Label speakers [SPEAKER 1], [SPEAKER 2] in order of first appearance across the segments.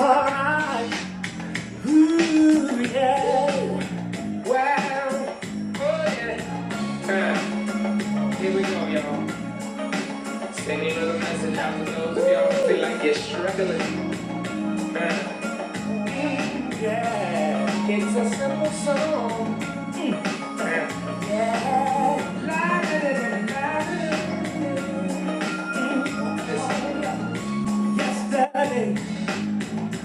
[SPEAKER 1] Alright, ooh, yeah. Wow. Oh, yeah. Uh, Here we go, y'all. Sending a little message out to those of y'all feel like you're struggling. Uh, Yeah. It's a simple song. Uh, Yeah. Yesterday.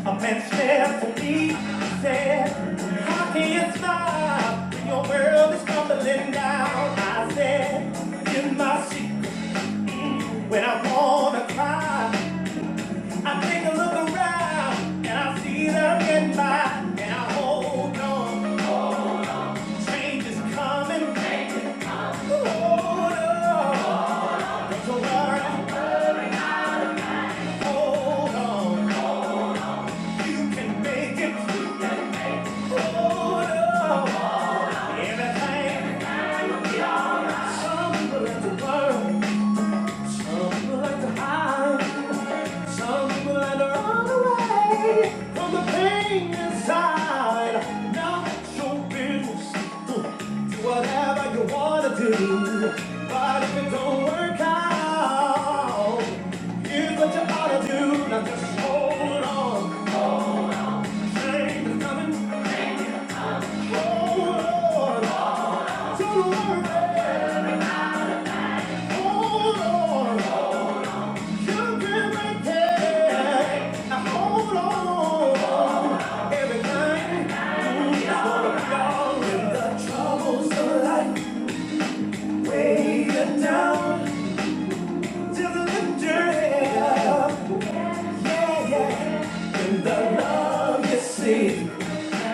[SPEAKER 1] A man said to me, he said, How can you smile when your world is tumbling down? I said, In my seat, when I wanna cry, I take a look around and I see that I'm getting by, and I hold on. Change is coming. Hold on, don't you worry. Hold on, you can make it. Hold on, everything. Some people like to burn, some people like to hide, some people like to run away from the pain inside. Now it's your business. Do whatever you wanna do, but if it don't work out, here's what you ought to do. Now just hold on, change is coming. Hold on, don't worry, hold on.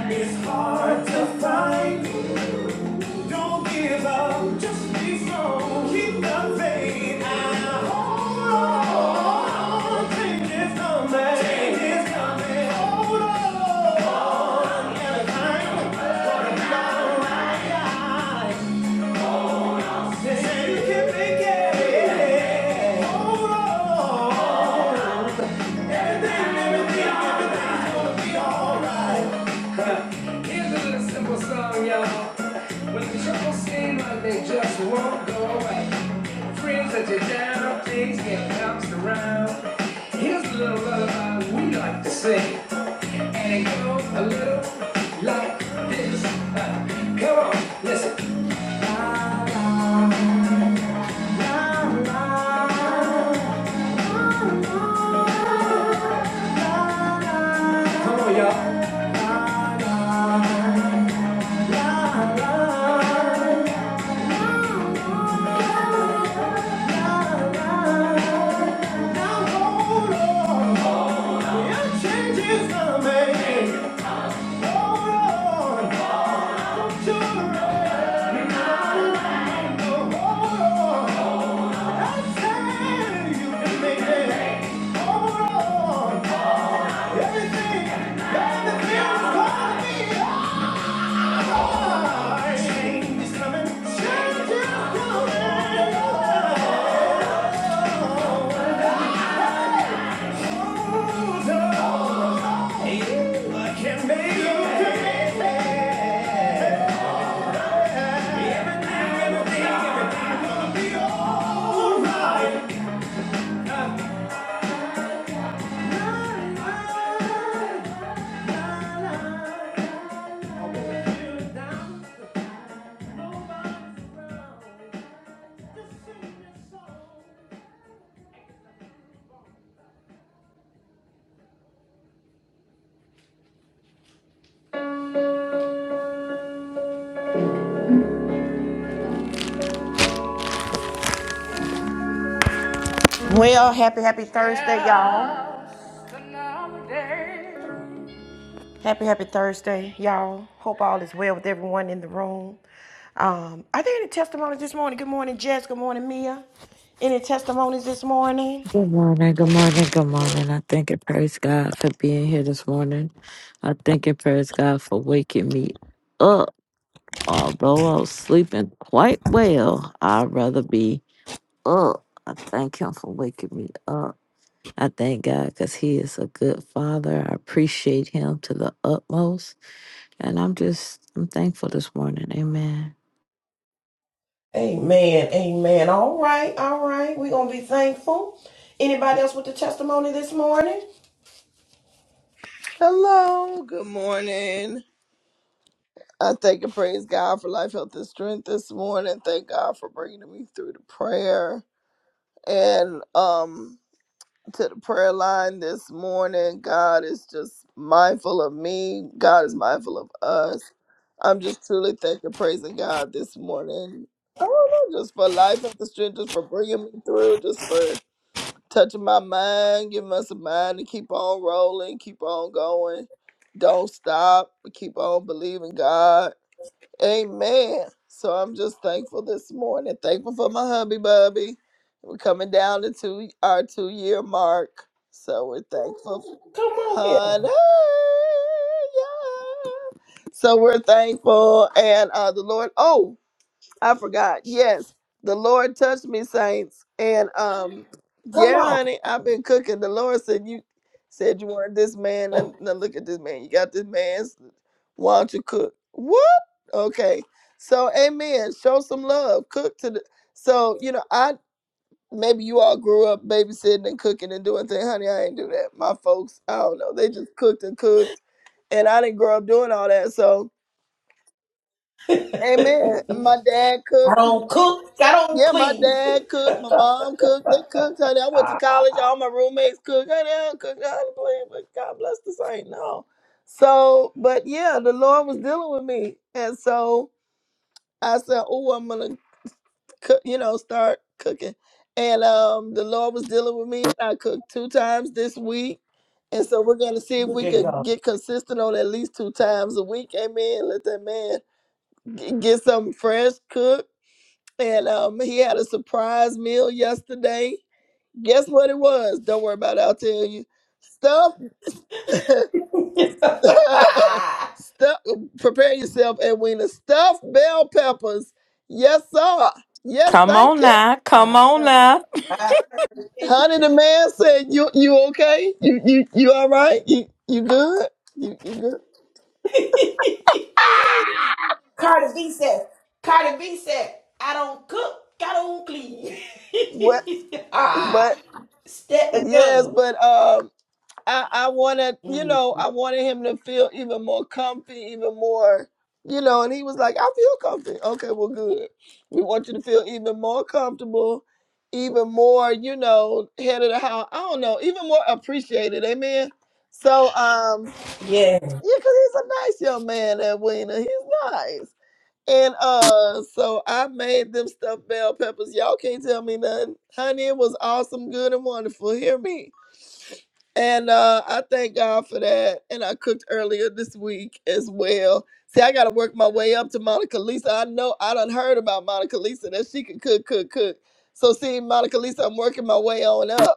[SPEAKER 1] It's hard to find Don't give up, just be strong. Keep the faith and hold on. Change is coming. Change is coming. Hold on. And I'm gonna be alright. They say you can make it. Hold on. Everything, everything, everything's gonna be alright. Here's a little simple song, y'all. When the trouble seem like they just won't go away. Friends that you down, things get bounced around. Here's a little lullaby we like to sing. And it goes a little like this. Uh, come on, listen. Come on, y'all. Now hold on. Your change is gonna make. Make it, make it, it'll be alright. Well, happy, happy Thursday, y'all. Happy, happy Thursday, y'all. Hope all is well with everyone in the room. Um, are there any testimonies this morning? Good morning, Jess. Good morning, Mia. Any testimonies this morning? Amen. Amen. All right. All right. We're going to be thankful. Anybody else with the testimony this morning?
[SPEAKER 2] Hello, good morning. I thank and praise God for life, health, and strength this morning. Thank God for bringing me through the prayer and um to the prayer line this morning. God is just mindful of me. God is mindful of us. I'm just truly thanking and praising God this morning. I don't know, just for life, health, and strength, just for bringing me through, just for touching my mind, giving us a mind to keep on rolling, keep on going. Don't stop. Keep on believing God. Amen. So I'm just thankful this morning. Thankful for my hubby bubby. We're coming down to two, our two year mark. So we're thankful. f- Honey. Yeah. So we're thankful. And uh, the Lord, oh, I forgot. Yes, the Lord touched me, saints, and um, yeah, honey, I've been cooking. The Lord said you said you wanted this man. Now, now look at this man. You got this man's. Why don't you cook? What? Okay. So, Amen. Show some love. Cook to the. So you know, I maybe you all grew up babysitting and cooking and doing things. Honey, I ain't do that. My folks, I don't know. They just cooked and cooked, and I didn't grow up doing all that. So. Amen. My dad cooked. Yeah, my dad cooked, my mom cooked, they cooked, honey. I went to college, all my roommates cooked, honey, I cooked, I don't play, but God bless the saint, no. So, but yeah, the Lord was dealing with me. And so I said, oh, I'm going to, cook, you know, start cooking. And um, the Lord was dealing with me. I cooked two times this week. And so we're going to see if we can get consistent on at least two times a week. Amen. Let that man g- get something fresh cooked and um, he had a surprise meal yesterday. Guess what it was? Don't worry about it. I'll tell you. Stuff, stuff. Prepare yourself, Edwina. Stuffed bell peppers. Yes, sir. Yes,
[SPEAKER 3] Come
[SPEAKER 2] thank
[SPEAKER 3] on
[SPEAKER 2] you.
[SPEAKER 3] now. Come on now.
[SPEAKER 2] Honey, the man said, "You, you okay? You, you, you all right? You, you good? You, you good?
[SPEAKER 1] Cardi B said, Cardi B said, I don't cook, I don't clean.
[SPEAKER 2] What?
[SPEAKER 1] ah,
[SPEAKER 2] But
[SPEAKER 1] step
[SPEAKER 2] yes,
[SPEAKER 1] again.
[SPEAKER 2] but um." I, I wanted, you know, I wanted him to feel even more comfy, even more, you know, and he was like, I feel comfy. Okay, well, good. We want you to feel even more comfortable, even more, you know, head of the house. I don't know, even more appreciated. Amen. So, um, yeah, because he's a nice young man, that Wiener. He's nice. And uh, so I made them stuffed bell peppers. Y'all can't tell me nothing. Honey, it was awesome, good, and wonderful. Hear me. And uh, I thank God for that. And I cooked earlier this week as well. See, I got to work my way up to Monica Lisa. I know I done heard about Monica Lisa that she can cook, cook, cook. So, see, Monica Lisa, I'm working my way on up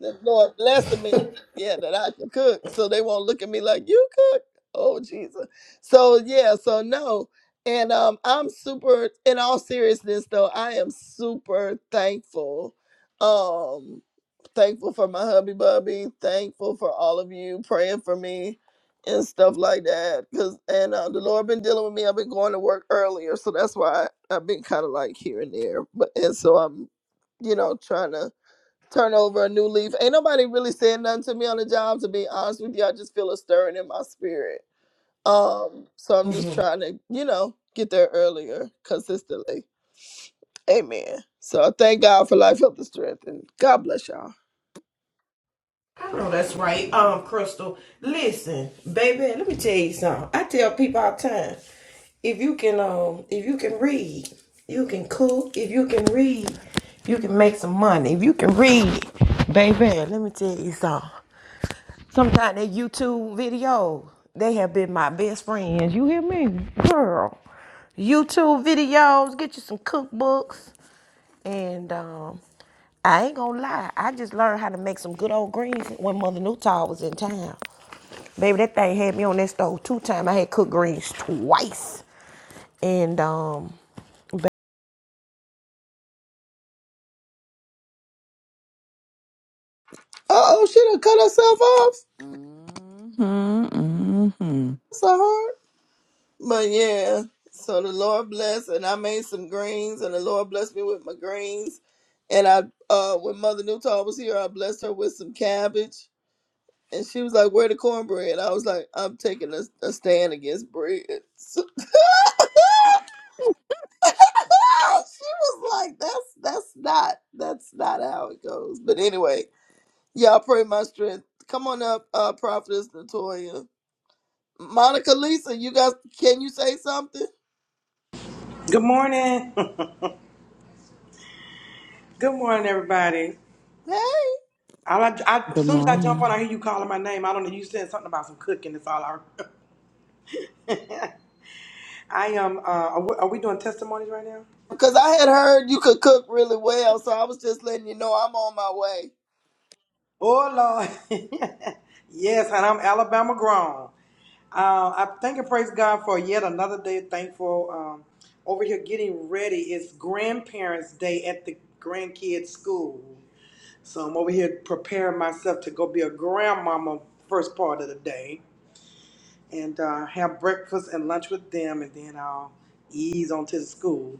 [SPEAKER 2] the Lord blessing me, yeah, that I can cook. So they won't look at me like you cook. Oh Jesus. So yeah, so no. And um I'm super in all seriousness though, I am super thankful. Um thankful for my hubby bubby, thankful for all of you praying for me and stuff like that. Cause and uh, the Lord been dealing with me. I've been going to work earlier, so that's why I, I've been kind of like here and there. But and so I'm, you know, trying to turn over a new leaf. Ain't nobody really saying nothing to me on the job, to be honest with you. I just feel a stirring in my spirit. Um, so I'm just
[SPEAKER 1] Mm-hmm.
[SPEAKER 2] trying to, you know, get there earlier consistently. Amen. So I thank God for life, health, and strength, and God bless y'all.
[SPEAKER 1] I know that's right. Um, Crystal, listen, baby, let me tell you something. I tell people all the time, if you can um if you can read, you can cook, if you can read, you can make some money. If you can read, baby, let me tell you something. Sometimes they YouTube videos, they have been my best friends. You hear me? Girl. YouTube videos, get you some cookbooks. And um, I ain't gonna lie, I just learned how to make some good old greens when Mother Newtall was in town. Baby, that thing had me on that stove two times. I had cooked greens twice. And um, ba-
[SPEAKER 2] Uh oh, she done cut herself off. So hard. But yeah. So the Lord bless, and I made some greens, and the Lord blessed me with my greens. And I, uh, when Mother Newton was here, I blessed her with some cabbage And she was like, "Where the cornbread?" I was like, "I'm taking a, a stand against bread." So- she was like, "That's that's not that's not how it goes." But anyway, y'all pray my strength. Come on up, uh, Prophetess Natoya, Monica, Lisa. You guys, can you say something?
[SPEAKER 4] Good morning. Good morning, everybody.
[SPEAKER 2] Hey,
[SPEAKER 4] All I, I, as soon as I jump on, I hear you calling my name. I don't know. You said something about some cooking. That's all I. remember. I am. Uh, are, we, are we doing testimonies right now?
[SPEAKER 2] because I had heard you could cook really well, so I was just letting you know I'm on my way.
[SPEAKER 4] Oh Lord, yes. And I'm Alabama grown. Uh, I thank and praise God for yet another day. Thankful um, over here getting ready. It's Grandparents' Day at the grandkids' school, so I'm over here preparing myself to go be a grandmama first part of the day. and uh, have breakfast and lunch with them, and then I'll ease on to the school.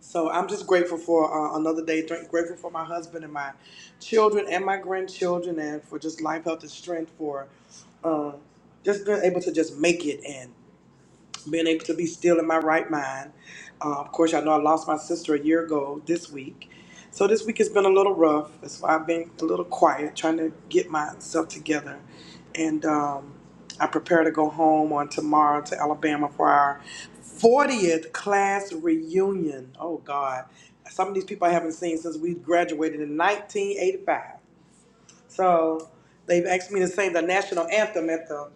[SPEAKER 4] So I'm just grateful for uh, another day. Dr- Grateful for my husband and my children and my grandchildren, and for just life, health, and strength. For uh, just being able to just make it, And being able to be still in my right mind. Uh, of course, I know I lost my sister a year ago this week. So this week has been a little rough. That's why I've been a little quiet, trying to get myself together. And um, I prepare to go home on tomorrow to Alabama for our 40th class reunion. Oh, God. Some of these people I haven't seen since we graduated in 1985. So they've asked me to sing the national anthem at the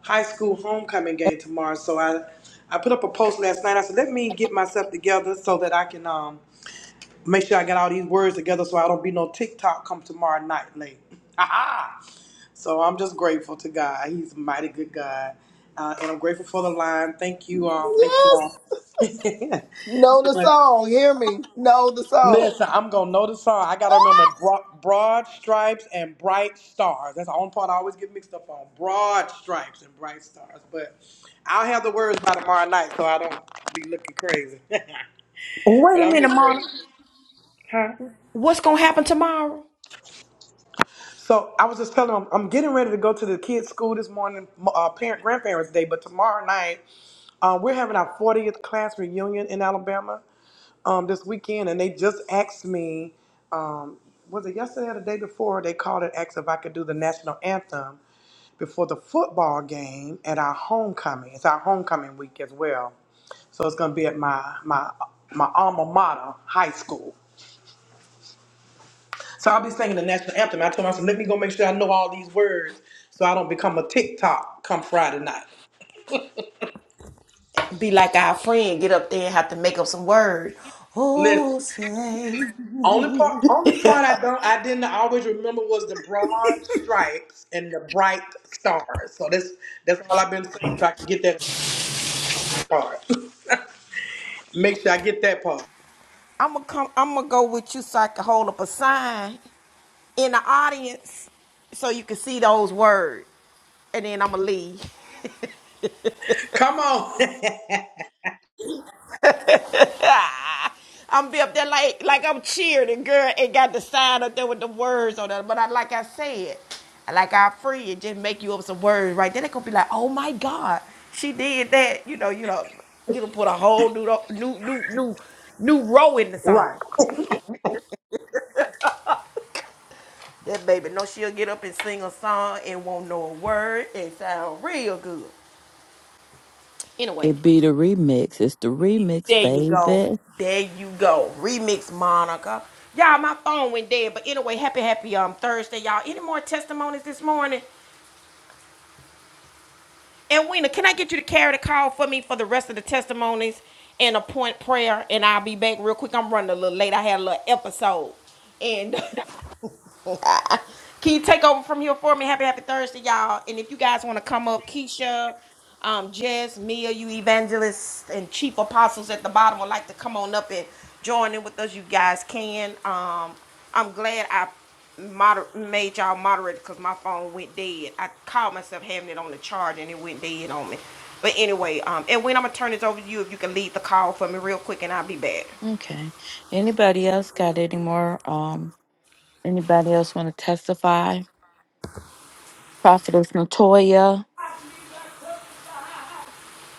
[SPEAKER 4] high school homecoming game tomorrow. So I, I put up a post last night. I said, let me get myself together so that I can um make sure I got all these words together so I don't be no TikTok come tomorrow night late. Aha! so I'm just grateful to God. He's a mighty good God. Uh, and I'm grateful for the line. Thank you. all. thank you
[SPEAKER 2] Yes,
[SPEAKER 4] all. So
[SPEAKER 2] know the
[SPEAKER 4] much.
[SPEAKER 2] song. Hear me. Know the song.
[SPEAKER 4] Listen, I'm gonna know the song. I gotta remember bro- broad stripes and bright stars. That's the only part I always get mixed up on. Broad stripes and bright stars. But I'll have the words by tomorrow night, so I don't be looking crazy. but
[SPEAKER 1] Wait a
[SPEAKER 4] I'm
[SPEAKER 1] minute,
[SPEAKER 4] just
[SPEAKER 1] Mama.
[SPEAKER 4] grateful. Huh?
[SPEAKER 1] what's gonna happen tomorrow?
[SPEAKER 4] So I was just telling them I'm getting ready to go to the kids' school this morning, uh, parent grandparents' day, but tomorrow night uh, we're having our 40th class reunion in Alabama um, this weekend, and they just asked me, um, was it yesterday or the day before? They called and asked if I could do the national anthem before the football game at our homecoming. It's our homecoming week as well, so it's going to be at my my my alma mater, high school. So I'll be singing the national anthem. I told myself, let me go make sure I know all these words so I don't become a TikTok come Friday night.
[SPEAKER 1] Be like our friend, get up there and have to make up some words. Oh,
[SPEAKER 4] Listen,
[SPEAKER 1] say.
[SPEAKER 4] only part only part I don't I didn't always remember was the broad stripes and the bright stars. So that's that's all I've been saying so I can get that part. make sure I get that part.
[SPEAKER 1] I'm gonna come. I'm gonna go with you so I can hold up a sign in the audience so you can see those words, and then I'm gonna leave.
[SPEAKER 4] Come on.
[SPEAKER 1] I'm be up there like like I'm cheering, girl, and got the sign up there with the words on it. But I, like I said, like our friend just make you up some words right there. They gonna be like, oh my God, she did that. You know, you know, you know, put a whole new new new new new row in the song.
[SPEAKER 4] right.
[SPEAKER 1] That baby know she'll get up and sing a song and won't know a word and sound real good. Anyway, There you go. There you go. Remix Monica. Y'all, my phone went dead. But anyway, happy, happy um Thursday, y'all. Any more testimonies this morning? And Weena, can I get you to carry the call for me for the rest of the testimonies and a point prayer? And I'll be back real quick. I'm running a little late. I had a little episode. And Can you take over from here for me? Happy, happy Thursday, y'all. And if you guys want to come up, Keisha, um, Jess, Mia, you evangelists and chief apostles at the bottom would like to come on up and join in with us. You guys can. Um, I'm glad I moder- made y'all moderate because my phone went dead. I called myself having it on the charge and it went dead on me. But anyway, um, and when I'm gonna turn this over to you, if you can lead the call for me real quick, and I'll be back.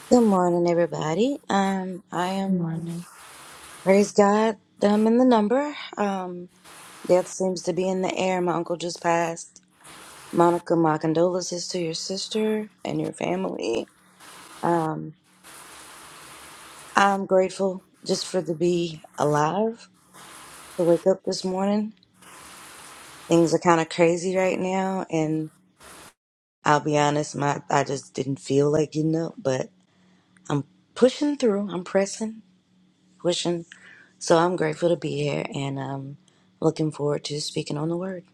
[SPEAKER 5] Good morning, everybody. Um, I am praise God. I'm in the number. Um, death seems to be in the air. My uncle just passed. Monica, my condolences to your sister and your family. Um, I'm grateful just for to be alive to wake up this morning. Things are kind of crazy right now, and I'll be honest, my I just didn't feel like getting up, but I'm pushing through. I'm pressing, pushing. So I'm grateful to be here and um looking forward to speaking on the word.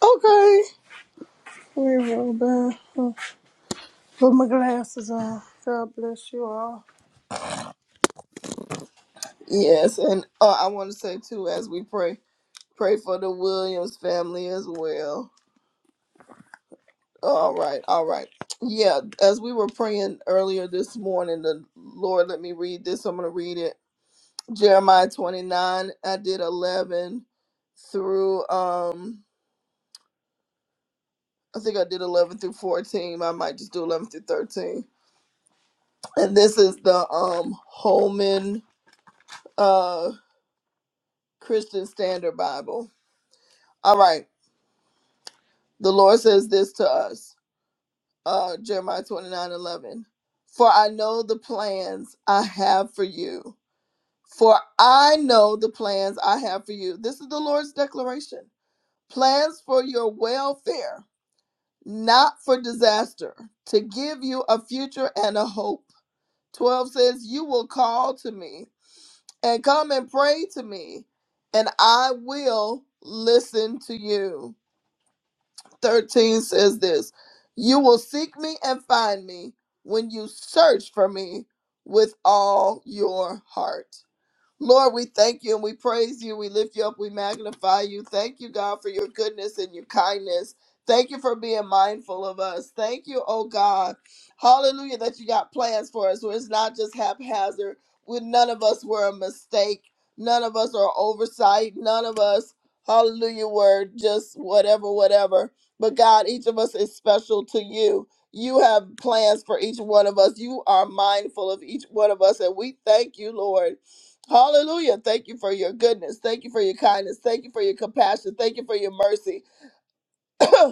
[SPEAKER 2] Okay. We roll back. Yes, and uh, I want to say too, as we pray, pray for the Williams family as well. All right, all right. Yeah, as we were praying earlier this morning, the Lord let me read this. I'm going to read it. Jeremiah 29, I did 11 through, um, I think I did 11 through 14. I might just do 11 through 13. And this is the um Holman uh, Christian Standard Bible. All right, the Lord says this to us. uh, Jeremiah 29 11, For I know the plans I have for you. For I know the plans I have for you. This is the Lord's declaration plans for your welfare, not for disaster, to give you a future and a hope. 12 says, You will call to me and come and pray to me, and I will listen to you. 13 says this You will seek me and find me when you search for me with all your heart. Lord, we thank you and we praise you. We lift you up. We magnify you. Thank you, God, for your goodness and your kindness. Thank you for being mindful of us. Thank you, oh God. Hallelujah, that you got plans for us where it's not just haphazard, where none of us were a mistake. None of us are oversight. None of us, hallelujah, were just whatever, whatever. But God, each of us is special to you. You have plans for each one of us. You are mindful of each one of us. And we thank you, Lord. Hallelujah. Thank you for your goodness. Thank you for your kindness. Thank you for your compassion. Thank you for your mercy.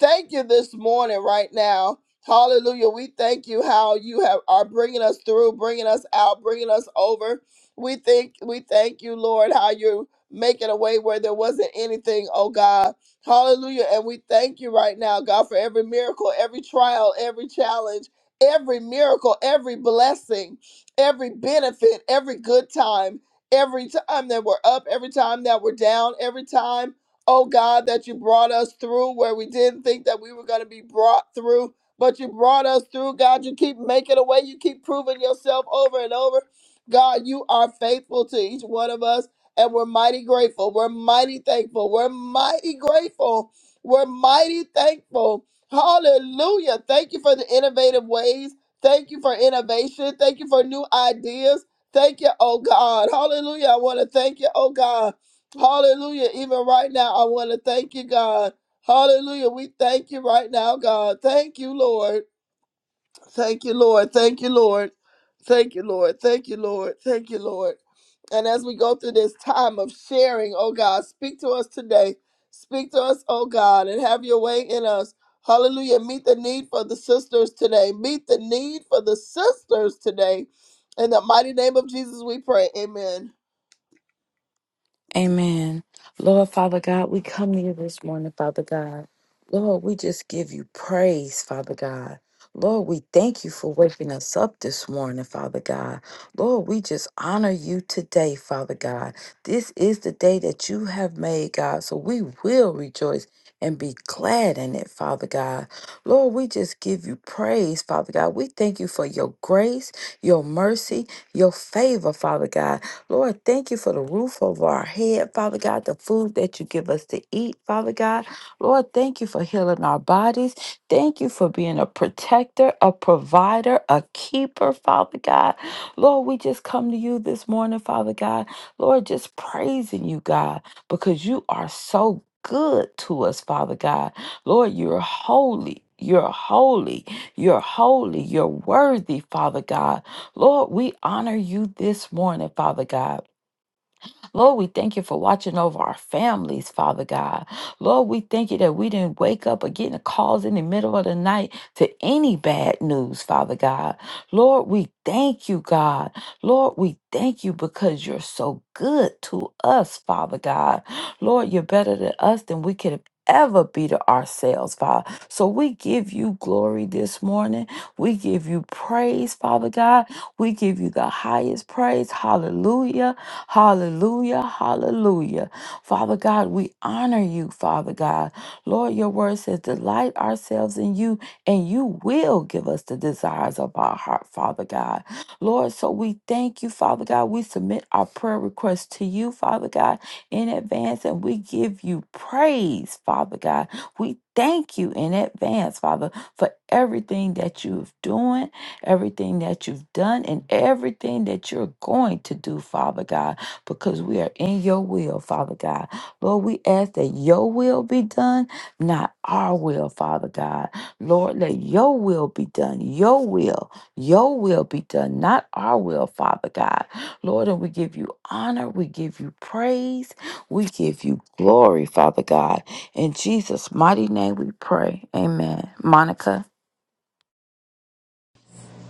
[SPEAKER 2] thank you this morning right now. Hallelujah. We thank you how you have are bringing us through, bringing us out, bringing us over. We think we thank you, Lord, how you're making a way where there wasn't anything, oh God. Hallelujah. And we thank you right now, God, for every miracle, every trial, every challenge, every miracle, every blessing, every benefit, every good time, every time that we're up, every time that we're down, every time Oh God, that you brought us through where we didn't think that we were going to be brought through, but you brought us through. God, you keep making a way. You keep proving yourself over and over. God, you are faithful to each one of us, and we're mighty grateful. We're mighty thankful. We're mighty grateful. We're mighty thankful. Hallelujah. Thank you for the innovative ways. Thank you for innovation. Thank you for new ideas. Thank you, oh God. Hallelujah. I want to thank you, oh God. Hallelujah. Even right now, I want to thank you, God. Hallelujah. We thank you right now, God. Thank you, Lord. Thank you, Lord. Thank you, Lord. Thank you, Lord. Thank you, Lord. Thank you, Lord. And as we go through this time of sharing, oh God, speak to us today. Speak to us, oh God, and have your way in us. Hallelujah. Meet the need for the sisters today. Meet the need for the sisters today. In the mighty name of Jesus, we pray. Amen.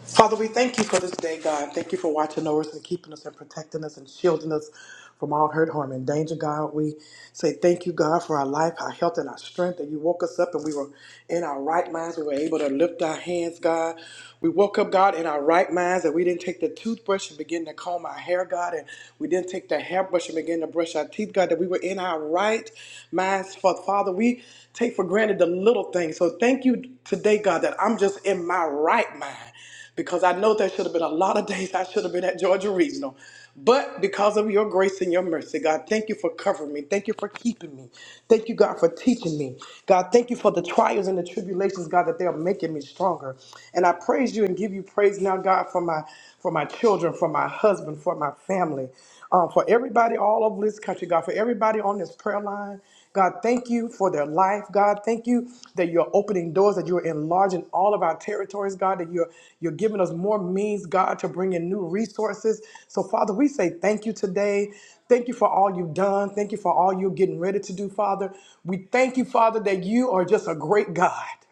[SPEAKER 4] Father, we thank you for this day, God. Thank you for watching over us and keeping us and protecting us and shielding us from all hurt, harm, and danger, God. We say thank you, God, for our life, our health, and our strength. That you woke us up and we were in our right minds. We were able to lift our hands, God. We woke up, God, in our right minds that we didn't take the toothbrush and begin to comb our hair, God. And we didn't take the hairbrush and begin to brush our teeth, God. That we were in our right minds. Fa- Father, we take for granted the little things. So thank you today, God, that I'm just in my right mind because I know there should have been a lot of days I should have been at Georgia Regional. But because of your grace and your mercy, God, thank you for covering me. Thank you for keeping me. Thank you, God, for teaching me. God, thank you for the trials and the tribulations, God, that they are making me stronger. And I praise you and give you praise now, God, for my for my children, for my husband, for my family, uh, for everybody all over this country, God, for everybody on this prayer line God, thank you for their life. God, thank you that you're opening doors, that you're enlarging all of our territories, God, that you're you're giving us more means, God, to bring in new resources. So, Father, we say thank you today. Thank you for all you've done. Thank you for all you're getting ready to do, Father. We thank you, Father, that you are just a great God.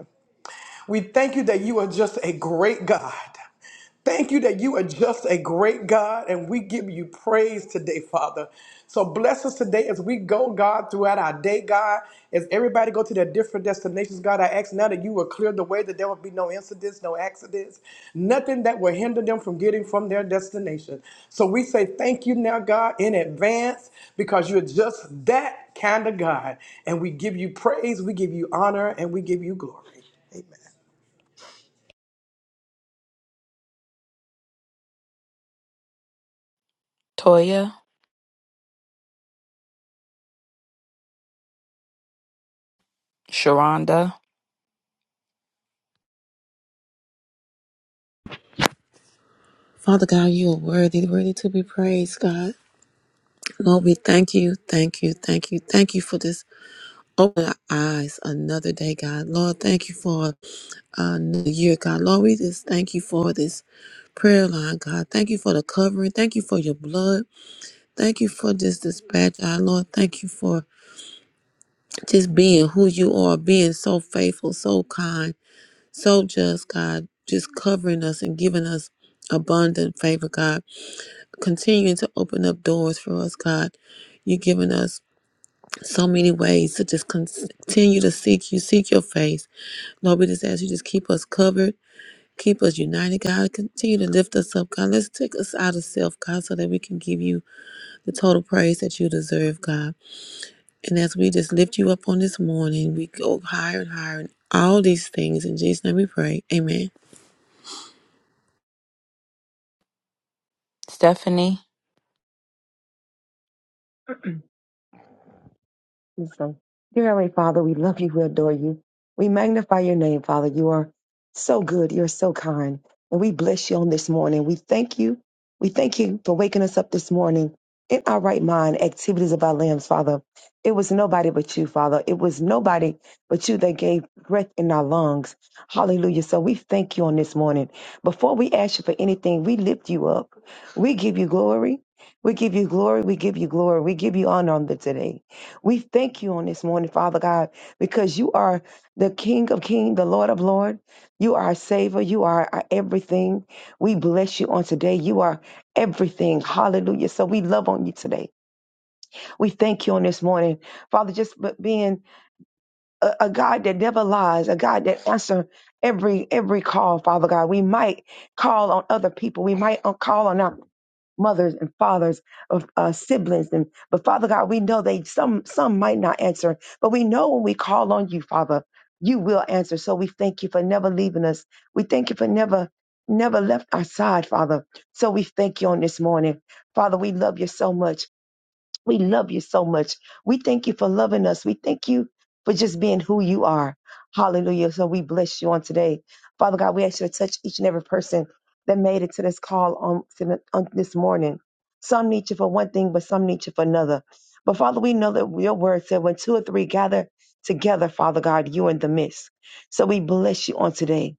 [SPEAKER 4] We thank you that you are just a great God. Thank you that you are just a great God, and we give you praise today, Father. So bless us today as we go, God, throughout our day, God. As everybody go to their different destinations, God, I ask now that you will clear the way, that there will be no incidents, no accidents, nothing that will hinder them from getting from their destination. So we say thank you now, God, in advance, because you're just that kind of God. And we give you praise, we give you honor, and we give you glory.
[SPEAKER 6] Father God, you are worthy, worthy to be praised, God. Lord, we thank you, thank you, thank you, thank you for this. Open our eyes another day, God. Lord, thank you for another year, God. Lord, we just thank you for this prayer line, God. Thank you for the covering. Thank you for your blood. Thank you for this dispatch, God. Lord, thank you for just being who you are, being so faithful, so kind, so just, God. Just covering us and giving us abundant favor, God. continuing to open up doors for us, God. You've given us so many ways to just con- continue to seek you, seek your face. Lord, we just ask you just keep us covered, keep us united, God. Continue to lift us up, God. Let's take us out of self, God, so that we can give you the total praise that you deserve, God. And as we just lift you up on this morning, we go higher and higher in all these things. In Jesus' name we pray. Amen.
[SPEAKER 7] Wisdom. Dear Heavenly Father, we love you, we adore you. We magnify your name, Father. You are so good, you're so kind. And we bless you on this morning. We thank you. We thank you for waking us up this morning in our right mind, activities of our limbs, Father. It was nobody but you, Father. It was nobody but you that gave breath in our lungs. Hallelujah. So we thank you on this morning. Before we ask you for anything, we lift you up. We give you glory. We give you glory. We give you glory. We give you honor on the today. We thank you on this morning, Father God, because you are the King of Kings, the Lord of Lord. You are our Savior. You are our everything. We bless you on today. You are everything. Hallelujah. So we love on you today. We thank you on this morning, Father, just b- being a, a God that never lies, a God that answers every every call, Father God. We might call on other people. We might uh, call on our mothers and fathers of uh, siblings and but father god we know they some some might not answer but we know when we call on you father you will answer so we thank you for never leaving us we thank you for never never left our side father so we thank you on this morning father we love you so much we love you so much. We thank you for loving us. We thank you for just being who you are. Hallelujah. So we bless you on today. Father God, we ask you to touch each and every person that made it to this call on, to the- on this morning. Some need you for one thing, but some need you for another. But Father, we know that your word said when two or three gather together, Father God, you in the midst. So we bless you on today.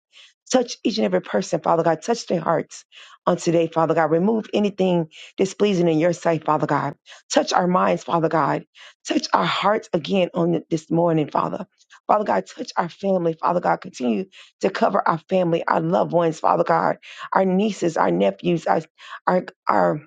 [SPEAKER 7] Touch each and every person, Father God. Touch their hearts on today, Father God. Remove anything displeasing in your sight, Father God. Touch our minds, Father God. Touch our hearts again on this morning, Father. Father God, touch our family, Father God. Continue to cover our family, our loved ones, Father God, our nieces, our nephews, our our our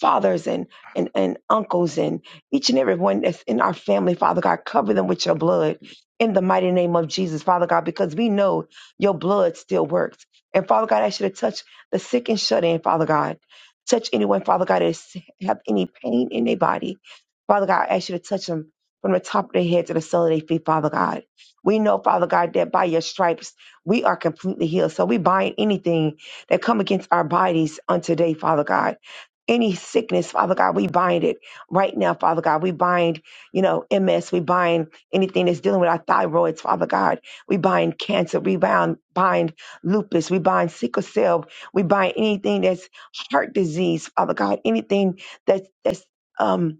[SPEAKER 7] fathers and, and, and uncles and each and every one that's in our family, Father God, cover them with your blood in the mighty name of Jesus, Father God, because we know your blood still works. And Father God, I should have touched the sick and shut in, Father God. Touch anyone, Father God, that is- have any pain in their body. Father God, I ask you to touch them from the top of their head to the sole of their feet, Father God. We know, Father God, that by your stripes we are completely healed. So we bind anything that come against our bodies on today, Father God any sickness, Father God, we bind it right now, Father God. We bind, you know, MS. We bind anything that's dealing with our thyroids, Father God. We bind cancer. We bind, bind lupus. We bind sickle cell. We bind anything that's heart disease, Father God. Anything that's, that's, um,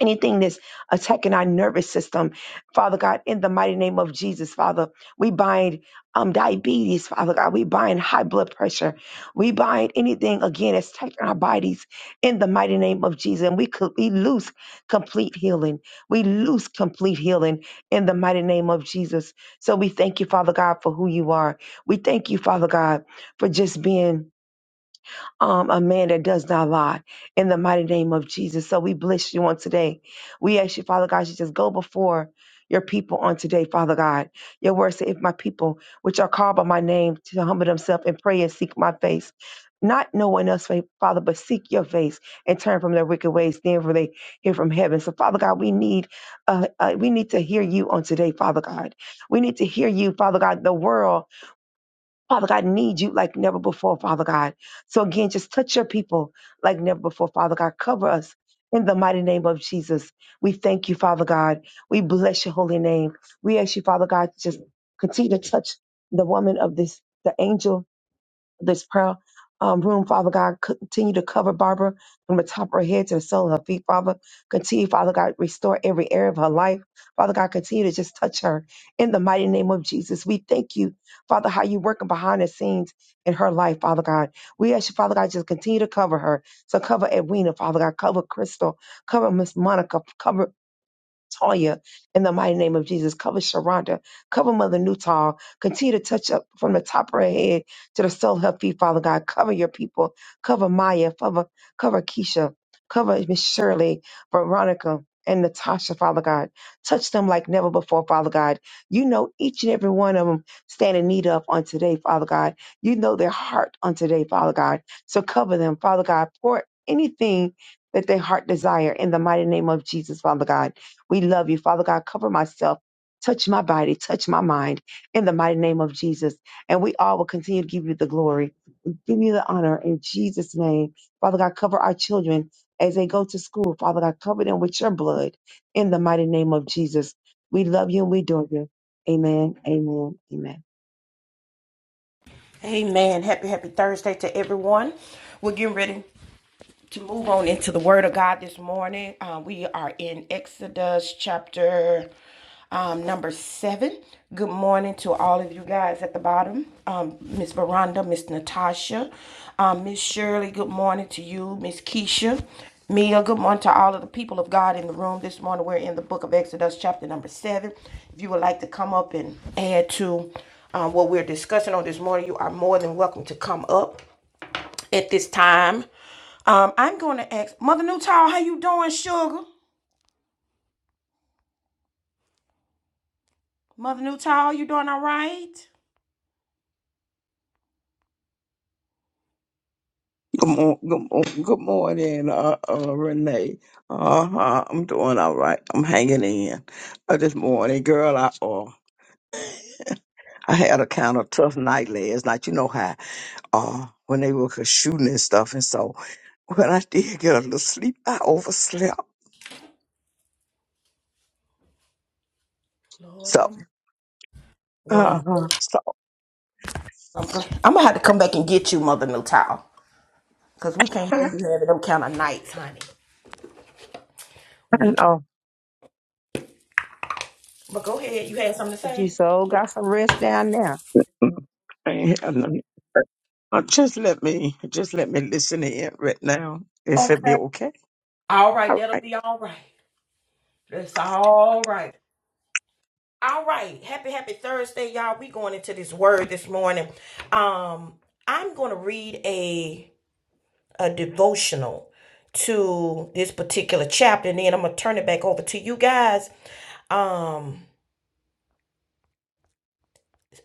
[SPEAKER 7] anything that's attacking our nervous system, Father God, in the mighty name of Jesus, Father, we bind um, diabetes, Father God, we bind high blood pressure, we bind anything again that's attacking our bodies in the mighty name of Jesus, and we could we lose complete healing, we lose complete healing in the mighty name of Jesus. So we thank you, Father God, for who you are. We thank you, Father God, for just being um, a man that does not lie in the mighty name of Jesus. So we bless you on today. We ask you, Father God, you just go before your people on today, Father God. Your word said, if my people, which are called by my name, to humble themselves and pray and seek my face. Not no one else, Father, but seek your face and turn from their wicked ways. Then for they hear from heaven. So, Father God, we need, uh, uh, we need to hear you on today, Father God. We need to hear you, Father God. The world Father God, need you like never before, Father God. So again, just touch your people like never before, Father God. Cover us in the mighty name of Jesus. We thank you, Father God. We bless your holy name. We ask you, Father God, to just continue to touch the woman of this, the angel this prayer um, room, Father God. Continue to cover Barbara from the top of her head to the sole of her feet, Father. Continue, Father God, restore every area of her life. Father God, continue to just touch her in the mighty name of Jesus. We thank you, Father, how you're working behind the scenes in her life, Father God. We ask you, Father God, just continue to cover her. So cover Edwina, Father God, cover Crystal, cover Miss Monica, cover Tanya in the mighty name of Jesus. Cover Sharonda. Cover Mother Newtall. Continue to touch up from the top of her head to the sole of her feet, Father God. Cover your people. Cover Maya. Cover, cover Keisha. Cover Miss Shirley, Veronica, and Natasha, Father God. Touch them like never before, Father God. You know each and every one of them stand in need of on today, Father God. You know their heart on today, Father God. So cover them, Father God. Pour anything that their heart desire in the mighty name of Jesus, Father God. We love you. Father God, cover myself. Touch my body, touch my mind in the mighty name of Jesus. And we all will continue to give you the glory, give you the honor in Jesus' name. Father God, cover our children as they go to school. Father God, cover them with your blood in the mighty name of Jesus. We love you and we adore you. Amen, amen, amen.
[SPEAKER 1] Amen. Happy, happy Thursday to everyone. We're getting ready. to move on into the Word of God this morning, uh, we are in Exodus chapter um, number seven. Good morning to all of you guys at the bottom. Um, Miss Veranda, Miss Natasha, um, Miss Shirley, good morning to you. Miss Keisha, Mia, good morning to all of the people of God in the room this morning. We're in the book of Exodus, chapter number seven. If you would like to come up and add to uh, what we're discussing on this morning, you are more than welcome to come up at this time. Um, I'm going to ask Mother Newtall, how you doing, sugar? Mother Newtall, you doing all right?
[SPEAKER 8] Good, mo- good, mo- good morning, uh, uh, Renee. Uh huh. I'm doing all right. I'm hanging in. Uh, this morning, girl, I uh, I had a kind of tough night last night. You know how uh, when they were shooting and stuff, and so when I did get a little sleep, I overslept.
[SPEAKER 1] Lord
[SPEAKER 8] So,
[SPEAKER 1] help. me. Well,
[SPEAKER 8] uh
[SPEAKER 1] I'm
[SPEAKER 8] huh.
[SPEAKER 1] good.
[SPEAKER 8] So,
[SPEAKER 1] I'm, good. I'm gonna have to come back and get you, Mother Newtall, because we can't
[SPEAKER 8] I
[SPEAKER 1] have you having them kind of nights, honey. We can.
[SPEAKER 8] know.
[SPEAKER 1] But go ahead. You had something to
[SPEAKER 7] If you
[SPEAKER 1] say?
[SPEAKER 7] so got some rest down there.
[SPEAKER 8] And, uh, just let me, just let me listen in right now. If it
[SPEAKER 1] Okay.
[SPEAKER 8] be okay.
[SPEAKER 1] All right.
[SPEAKER 8] All
[SPEAKER 1] That'll
[SPEAKER 8] right.
[SPEAKER 1] be all right. That's all right. All right, happy happy Thursday, y'all. We going into this word this morning. Um, I'm gonna read a. a devotional to this particular chapter, and then I'm gonna turn it back over to you guys. Um,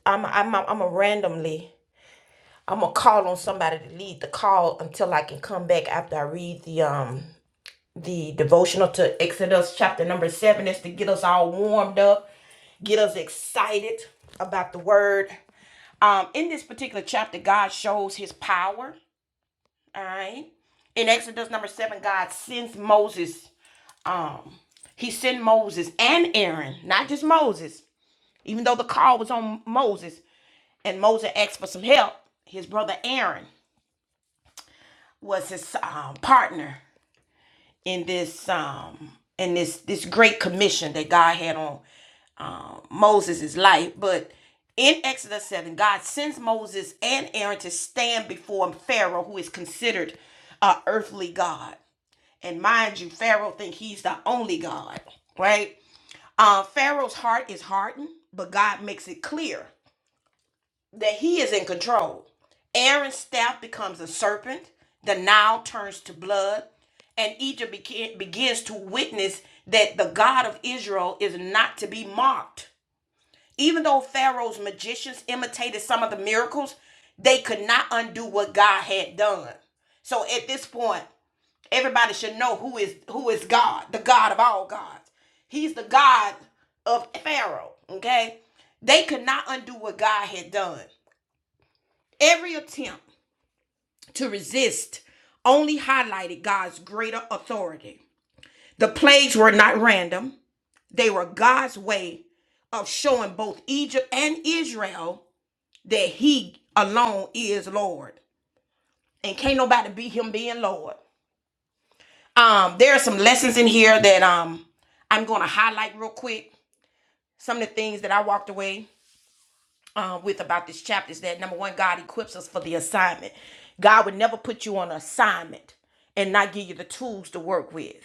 [SPEAKER 1] I'm I'm I'm gonna randomly I'm gonna call on somebody to lead the call until I can come back after I read the um the devotional to Exodus chapter number seven. Is to get us all warmed up, get us excited about the word. Um, in this particular chapter, God shows His power All right. In Exodus number seven, God sends Moses. Um, he sent Moses and Aaron, not just Moses, even though the call was on Moses. And Moses asked for some help. His brother Aaron was his um, partner in this um, in this this great commission that God had on um, Moses' life. But in Exodus 7, God sends Moses and Aaron to stand before Pharaoh, who is considered an earthly God. And mind you, Pharaoh thinks he's the only God, right? Uh, Pharaoh's heart is hardened, but God makes it clear that he is in control. Aaron's staff becomes a serpent, the Nile turns to blood, and Egypt beca- begins to witness that the God of Israel is not to be mocked. Even though Pharaoh's magicians imitated some of the miracles, they could not undo what God had done. So at this point, Everybody should know who is who is God, the God of all gods. He's the God of Pharaoh. Okay. They could not undo what God had done. Every attempt to resist only highlighted God's greater authority. The plagues were not random, they were God's way of showing both Egypt and Israel that He alone is Lord. And can't nobody beat Him being Lord. Um, there are some lessons in here that um I'm gonna highlight real quick. Some of the things that I walked away um, with about this chapter is that number one, God equips us for the assignment. God would never put you on an assignment and not give you the tools to work with.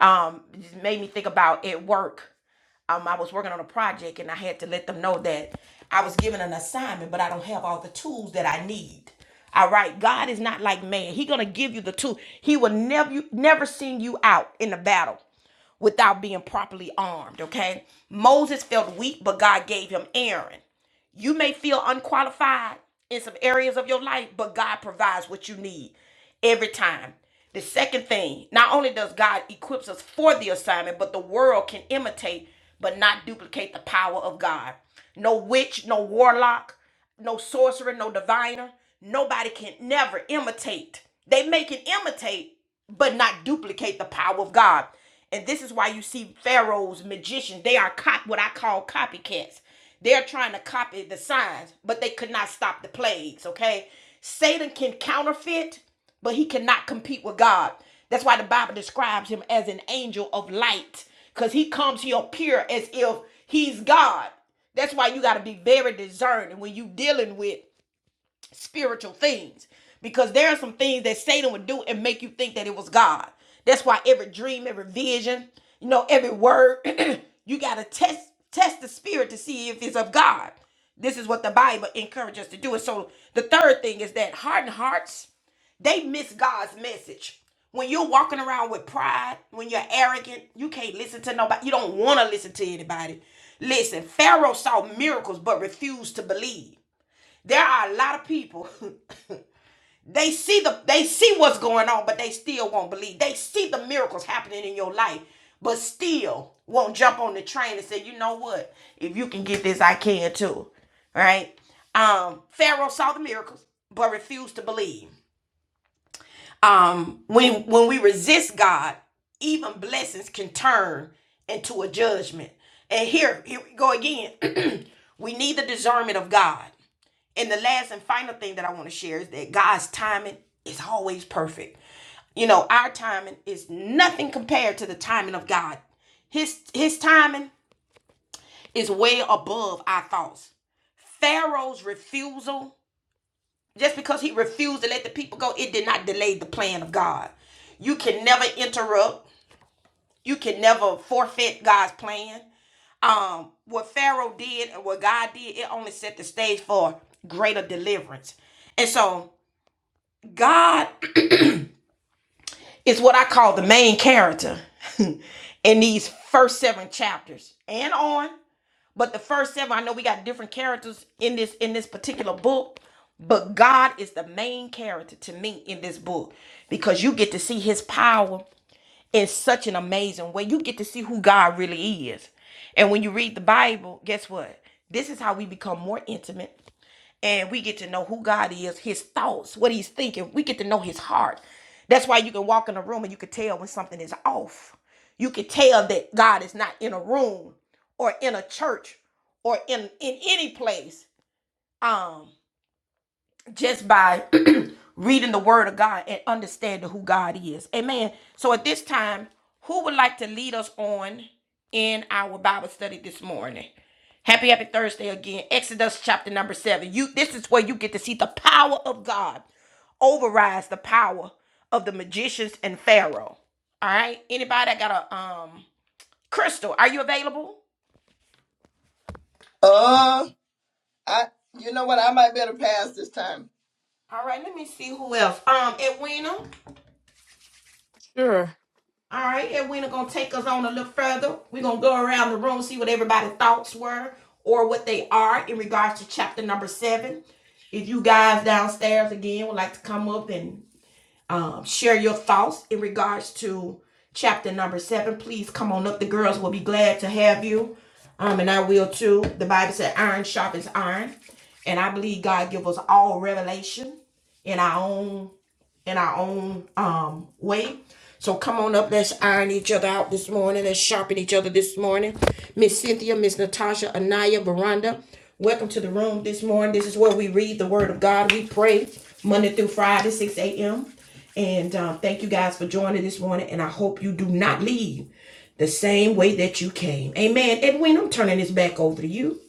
[SPEAKER 1] Um, it made me think about at work. Um, I was working on a project and I had to let them know that I was given an assignment, but I don't have all the tools that I need. All right, God is not like man. He gonna give you the tool. He will never never send you out in a battle without being properly armed. Okay, Moses felt weak, but God gave him Aaron. You may feel unqualified in some areas of your life, but God provides what you need every time. The second thing, not only does God equips us for the assignment, but the world can imitate but not duplicate the power of God. No witch, no warlock, no sorcerer, no diviner. Nobody can never imitate. They may can imitate, but not duplicate the power of God. And this is why you see pharaohs, magicians. They are cop- what I call copycats. They're trying to copy the signs, but they could not stop the plagues. Okay, Satan can counterfeit, but he cannot compete with God. That's why the Bible describes him as an angel of light, because he comes, he appear as if he's God that's why you got to be very discerning when you dealing with spiritual things because there are some things that Satan would do and make you think that it was God. That's why every dream, every vision, you know, every word, you got to test test the spirit to see if it's of God. This is what the Bible encourages us to do. And so the third thing is that hardened hearts, they miss God's message. When you're walking around with pride, when you're arrogant, you can't listen to nobody. You don't want to listen to anybody. Listen, Pharaoh saw miracles but refused to believe. There are a lot of people. they see the they see what's going on, but they still won't believe. They see the miracles happening in your life, but still won't jump on the train and say, you know what? If you can get this, I can too. Right? Um, Pharaoh saw the miracles, but refused to believe. Um, when when we resist God, even blessings can turn into a judgment. And here, here we go again. we need the discernment of God. And the last and final thing that I want to share is that God's timing is always perfect. You know, our timing is nothing compared to the timing of God. His his timing is way above our thoughts. Pharaoh's refusal, just because he refused to let the people go, it did not delay the plan of God. You can never interrupt. You can never forfeit God's plan um what Pharaoh did and what God did, it only set the stage for greater deliverance. And so God is what I call the main character in these first seven chapters and on. But the first seven, I know we got different characters in this in this particular book, but God is the main character to me in this book because you get to see His power in such an amazing way. You get to see who God really is. And when you read the Bible, guess what? This is how we become more intimate and we get to know who God is, his thoughts, what he's thinking. We get to know his heart. That's why you can walk in a room and you can tell when something is off. You can tell that God is not in a room or in a church or in in any place. Um just by reading the word of God and understanding who God is. Amen. So at this time, who would like to lead us on in our Bible study this morning? Happy happy Thursday again. Exodus chapter number 7. You this is where you get to see the power of God overrides the power of the magicians and Pharaoh. All right? Anybody got a um Crystal, are you available?
[SPEAKER 2] I, you know what? I might better pass this time.
[SPEAKER 1] All right, let me see who else. Um Edwina. All right, Edwina gonna take us on a little further. We're gonna go around the room, see what everybody's thoughts were or what they are in regards to chapter number seven. If you guys downstairs again would like to come up and um, share your thoughts in regards to chapter number seven, please come on up. The girls will be glad to have you. Um, and I will too. The Bible said iron sharpens iron. And I believe God give us all revelation in our own in our own um way. So come on up. Let's iron each other out this morning. Let's sharpen each other this morning. Miss Cynthia, Miss Natasha, Anaya, Veranda, welcome to the room this morning. This is where we read the Word of God. We pray Monday through Friday, 6 a.m. And um, thank you guys for joining this morning. And I hope you do not leave the same way that you came. Amen. Edwin, I'm turning this back over to you.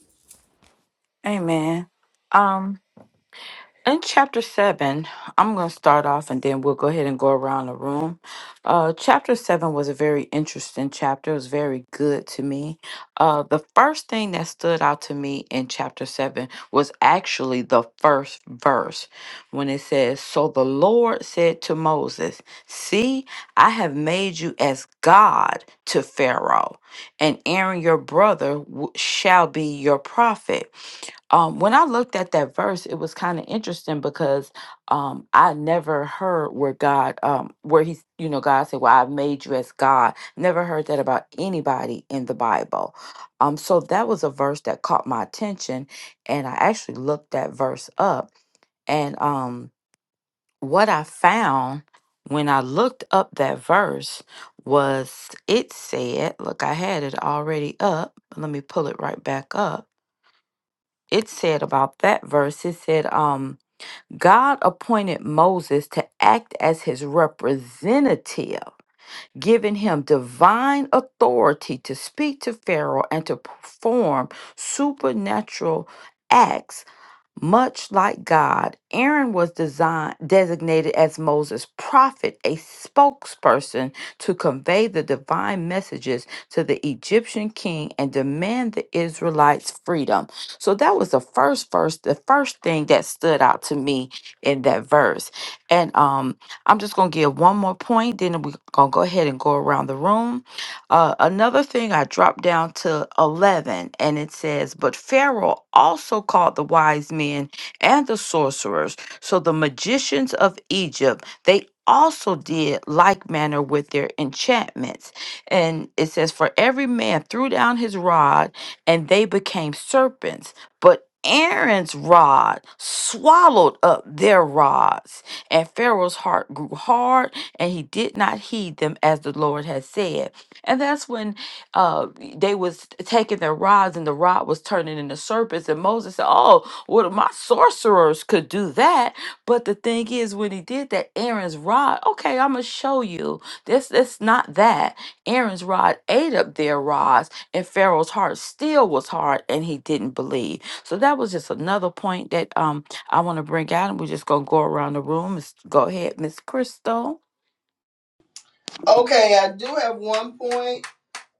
[SPEAKER 2] Okay, I do have one point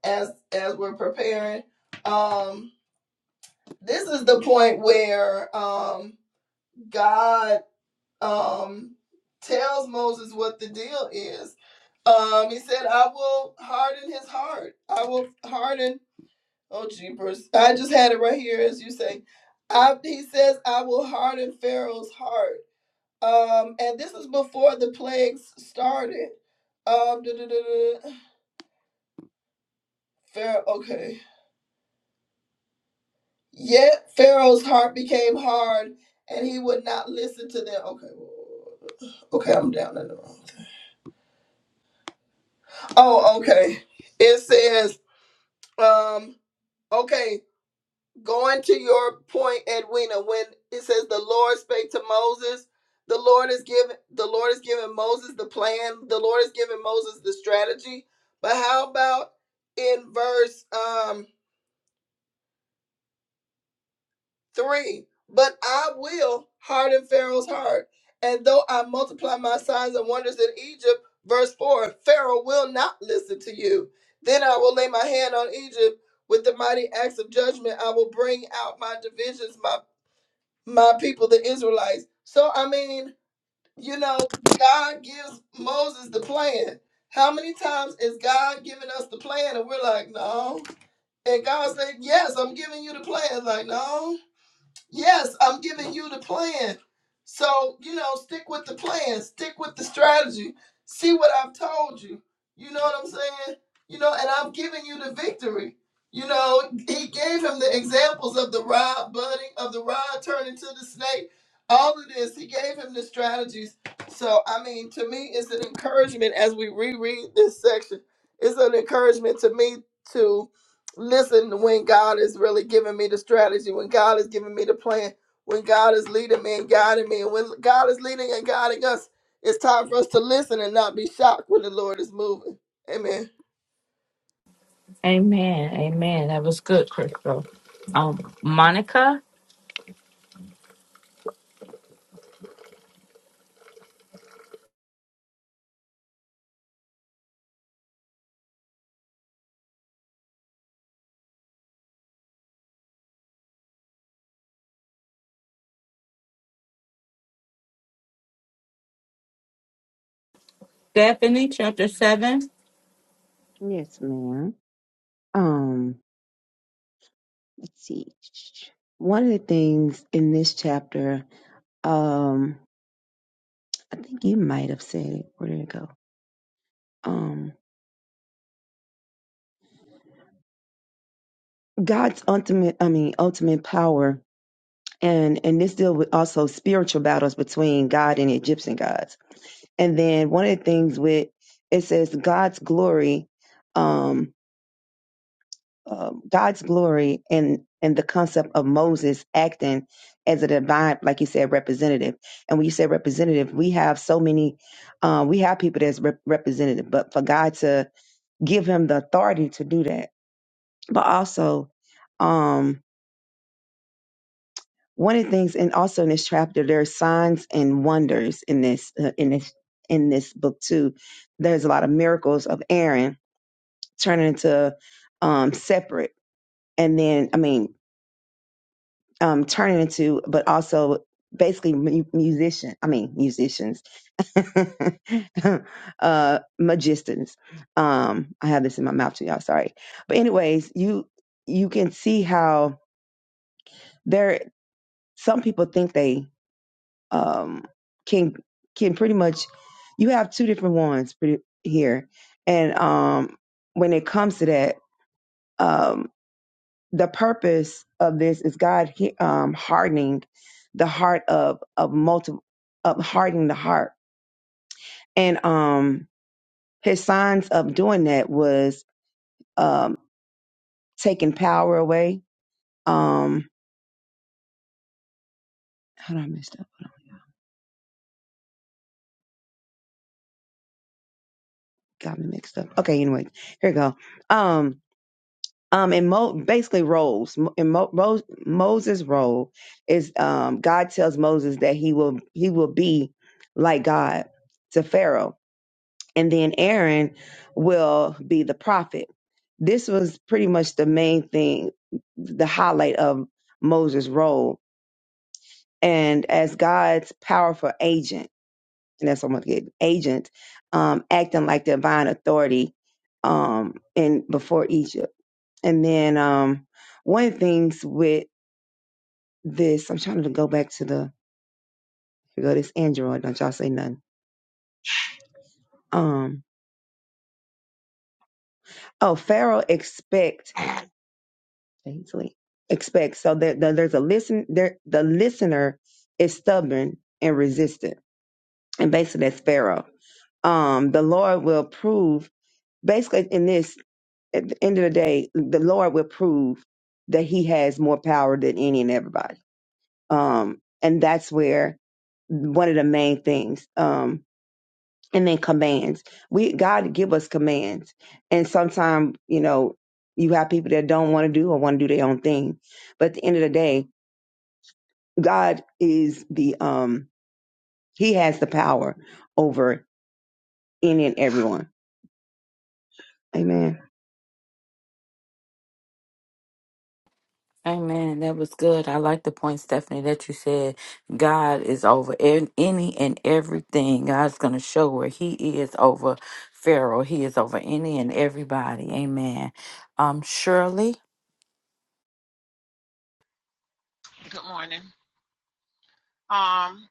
[SPEAKER 2] as as we're preparing. Um, this is the point where um God um tells Moses what the deal is. Um, he said, "I will harden his heart. I will harden." Oh, jeepers! I just had it right here, as you say. I, he says, "I will harden Pharaoh's heart." Um, and this is before the plagues started. Um, duh-duh-duh-duh. Pharaoh, okay. Yet Pharaoh's heart became hard, and he would not listen to them. Okay, okay, I'm down in the wrong. Oh, okay. It says, um, okay. Going to your point, Edwina, when it says the Lord spake to Moses, the Lord is giving the Lord is giving Moses the plan. The Lord is giving Moses the strategy. But how about in verse um three? But I will harden Pharaoh's heart, and though I multiply my signs and wonders in Egypt, verse four, Pharaoh will not listen to you. Then I will lay my hand on Egypt with the mighty acts of judgment. I will bring out my divisions, my my people, the Israelites. So, I mean, you know, God gives Moses the plan. How many times is God giving us the plan and we're like, no? And God said, yes, I'm giving you the plan. Like, no. Yes, I'm giving you the plan. So, you know, stick with the plan, stick with the strategy, see what I've told you. You know what I'm saying? You know, and I'm giving you the victory. You know, he gave him the examples of the rod budding, of the rod turning to the snake, all of this. He gave him the strategies. So, I mean, to me, it's an encouragement as we reread this section. It's an encouragement to me to listen when God is really giving me the strategy, when God is giving me the plan, when God is leading me and guiding me, and when God is leading and guiding us, it's time for us to listen and not be shocked when the Lord is moving. Amen.
[SPEAKER 7] Yes, ma'am. Um, let's see. One of the things in this chapter, um, I think you might have said it. Where did it go? Um, God's ultimate, I mean, ultimate power, and and this deal with also spiritual battles between God and Egyptian gods. And then one of the things with it says God's glory, um, uh, God's glory, and and the concept of Moses acting as a divine, like you said, representative. And when you say representative, we have so many, uh, we have people that's rep- representative, but for God to give him the authority to do that but also um one of the things and also in this chapter there are signs and wonders in this uh, in this in this book too there's a lot of miracles of aaron turning into um separate and then i mean um turning into but also basically mu- musician i mean musicians uh magicians um i have this in my mouth too y'all sorry but anyways you you can see how there some people think they um, can can pretty much you have two different ones pretty, here, and um, when it comes to that, um, the purpose of this is God he- um, hardening the heart of of multiple of hardening the heart, and um, his signs of doing that was um, taking power away. Um, how did I messed up? Got me mixed up. Okay, anyway, here we go. Um, um in Mo, basically roles Mo- in Mo, Mo, Moses' role is um God tells Moses that he will he will be like God to Pharaoh, and then Aaron will be the prophet. This was pretty much the main thing, the highlight of Moses' role, and as God's powerful agent, and that's what I'm gonna get agent, um, acting like divine authority, um, in before Egypt. And then um, one of the things with this, I'm trying to go back to the here go this Android. Don't y'all say nothing. Um, oh, Pharaoh expect faintly expect. So that that there's a listen. There the listener is stubborn and resistant, and basically that's Pharaoh. Um, the Lord will prove. Basically, in this, at the end of the day, the Lord will prove that He has more power than any and everybody Um, and that's where one of the main things. Um, and then commands. We God give us commands, and sometimes you know you have people that don't want to do or want to do their own thing. But at the end of the day, God is the um He has the power over any and everyone. Amen.
[SPEAKER 9] Good morning. Um,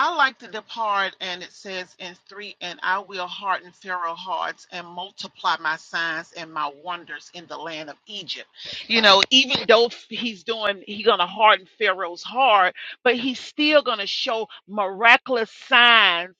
[SPEAKER 9] I like the depart, and it says in three, and I will harden Pharaoh's hearts and multiply my signs and my wonders in the land of Egypt. You know, even though he's doing, he's gonna harden Pharaoh's heart, but he's still gonna show miraculous signs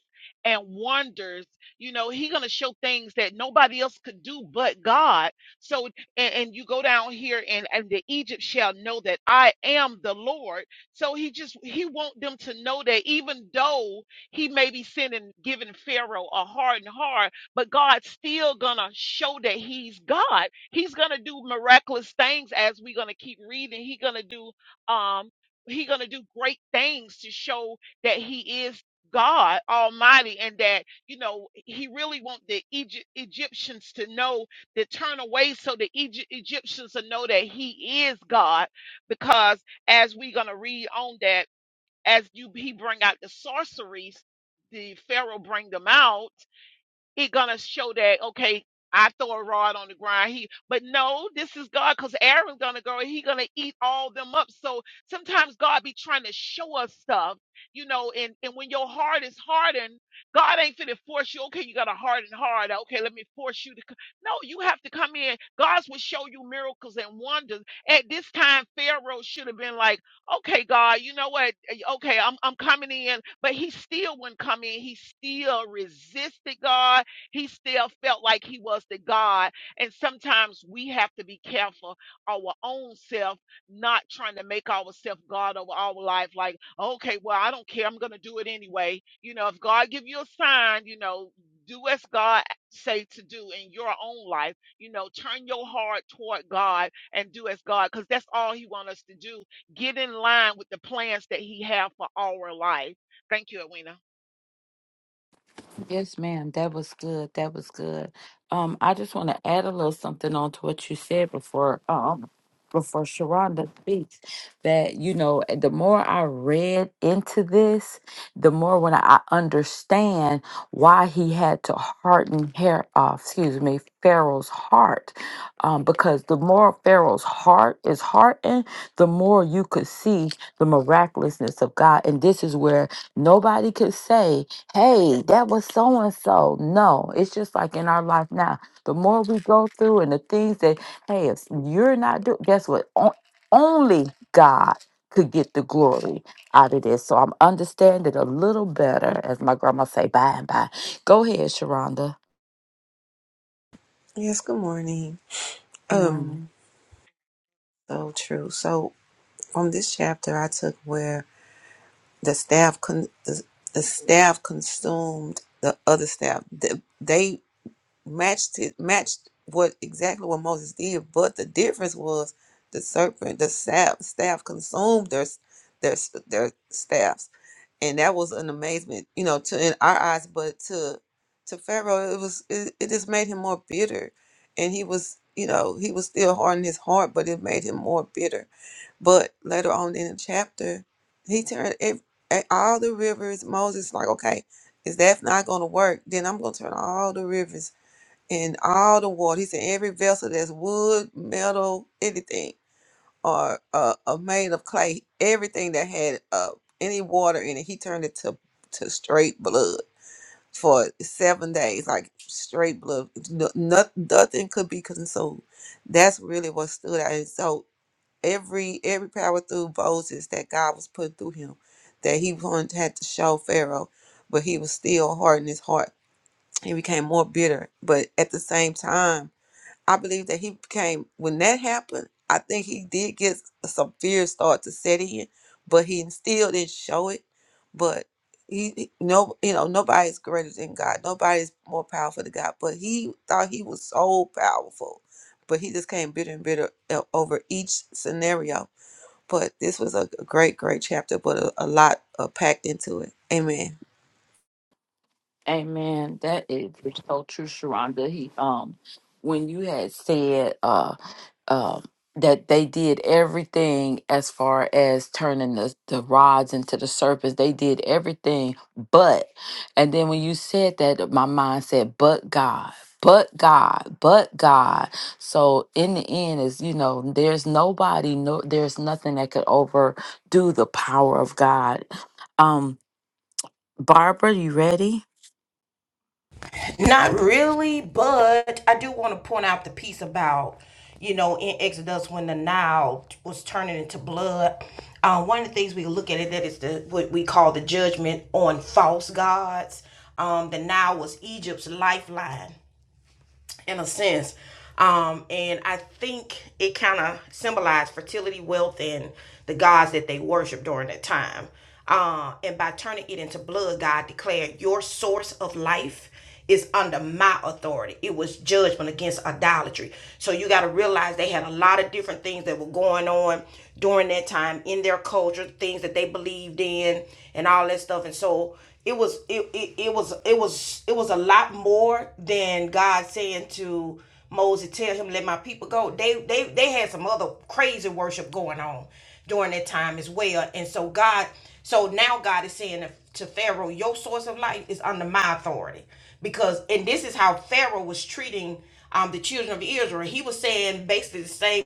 [SPEAKER 9] and wonders. You know, he's gonna show things that nobody else could do but God. So, and, and you go down here, and and the Egypt shall know that I am the Lord so he just he want them to know that even though he may be sending giving Pharaoh a hard and hard, but God's still gonna show that he's God. He's gonna do miraculous things as we're gonna keep reading. He gonna do um he gonna do great things to show that he is God Almighty and that you know he really want the Egypt, Egyptians to know to turn away so the Egypt, Egyptians to know that he is God because as we're going to read on that as you he bring out the sorceries the pharaoh bring them out he gonna show that okay. I throw a rod on the ground. He, but no, this is God, cause Aaron's gonna go. and He gonna eat all them up. So sometimes God be trying to show us stuff, you know. And and when your heart is hardened, God ain't finna force you. Okay, you got a hardened heart. Okay, let me force you to. c-" No, you have to come in. God will show you miracles and wonders. At this time, Pharaoh should have been like, okay, God, you know what? Okay, I'm I'm coming in, but he still wouldn't come in. He still resisted God he still felt like he was the God. And sometimes we have to be careful our own self, not trying to make ourselves God over our life. Like, okay, well, I don't care. I'm going to do it anyway. You know, if God give you a sign, you know, do as God say to do in your own life. You know, turn your heart toward God and do as God, because that's all He want us to do. Get in line with the plans that He have for our life. Thank you, Edwina.
[SPEAKER 6] Yes, good morning. Um, so true. So from this chapter, I took where the staff con- the, the staff consumed the other staff. The, they matched it matched what exactly what Moses did, but the difference was the serpent, the staff, staff consumed their s- their s- their staffs, and that was an amazement, you know, to in our eyes, but to to Pharaoh, it was it, it just made him more bitter, and he was you know he was still hard in his heart, but it made him more bitter but later on in the chapter, he turned ev at all the rivers. Moses like, okay, if that's not going to work, then I'm going to turn all the rivers and all the water. He said every vessel that's wood, metal, anything, or uh, uh, made of clay, everything that had uh, any water in it, he turned it to to straight blood for seven days, like straight blood. No, no- nothing could be consumed. That's really what stood out. And so every every power through Moses that God was put through him, that he wanted had to show Pharaoh, but he was still hard in his heart. He became more bitter, but at the same time, I believe that he became when that happened. I think he did get some fear start to set in, but he still didn't show it. But he he- no, you know, nobody's greater than God. Nobody's more powerful than God. But he thought he was so powerful, but he just came bitter and bitter uh, over each scenario but this was a great, great chapter, but a, a lot uh, packed into it. Amen.
[SPEAKER 1] Not really, but I do want to point out the piece about, you know, in Exodus when the Nile was turning into blood. Uh, one of the things we look at it that is the what we call the judgment on false gods. Um, the Nile was Egypt's lifeline in a sense. Um, and I think it kind of symbolized fertility, wealth, and the gods that they worshiped during that time. Uh, and by turning it into blood, God declared, Your source of life is under my authority. It was judgment against idolatry. So you got to realize they had a lot of different things that were going on during that time in their culture, things that they believed in, and all that stuff. And so it was it, it, it was it was it was a lot more than God saying to Moses, tell him let my people go. They they they had some other crazy worship going on during that time as well. And so God, so now God is saying to Pharaoh, your source of life is under my authority. Because and this is how Pharaoh was treating um the children of Israel. He was saying basically the same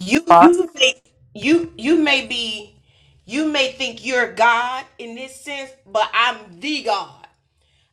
[SPEAKER 1] you you may you you may be you may think you're God in this sense, but I'm the God.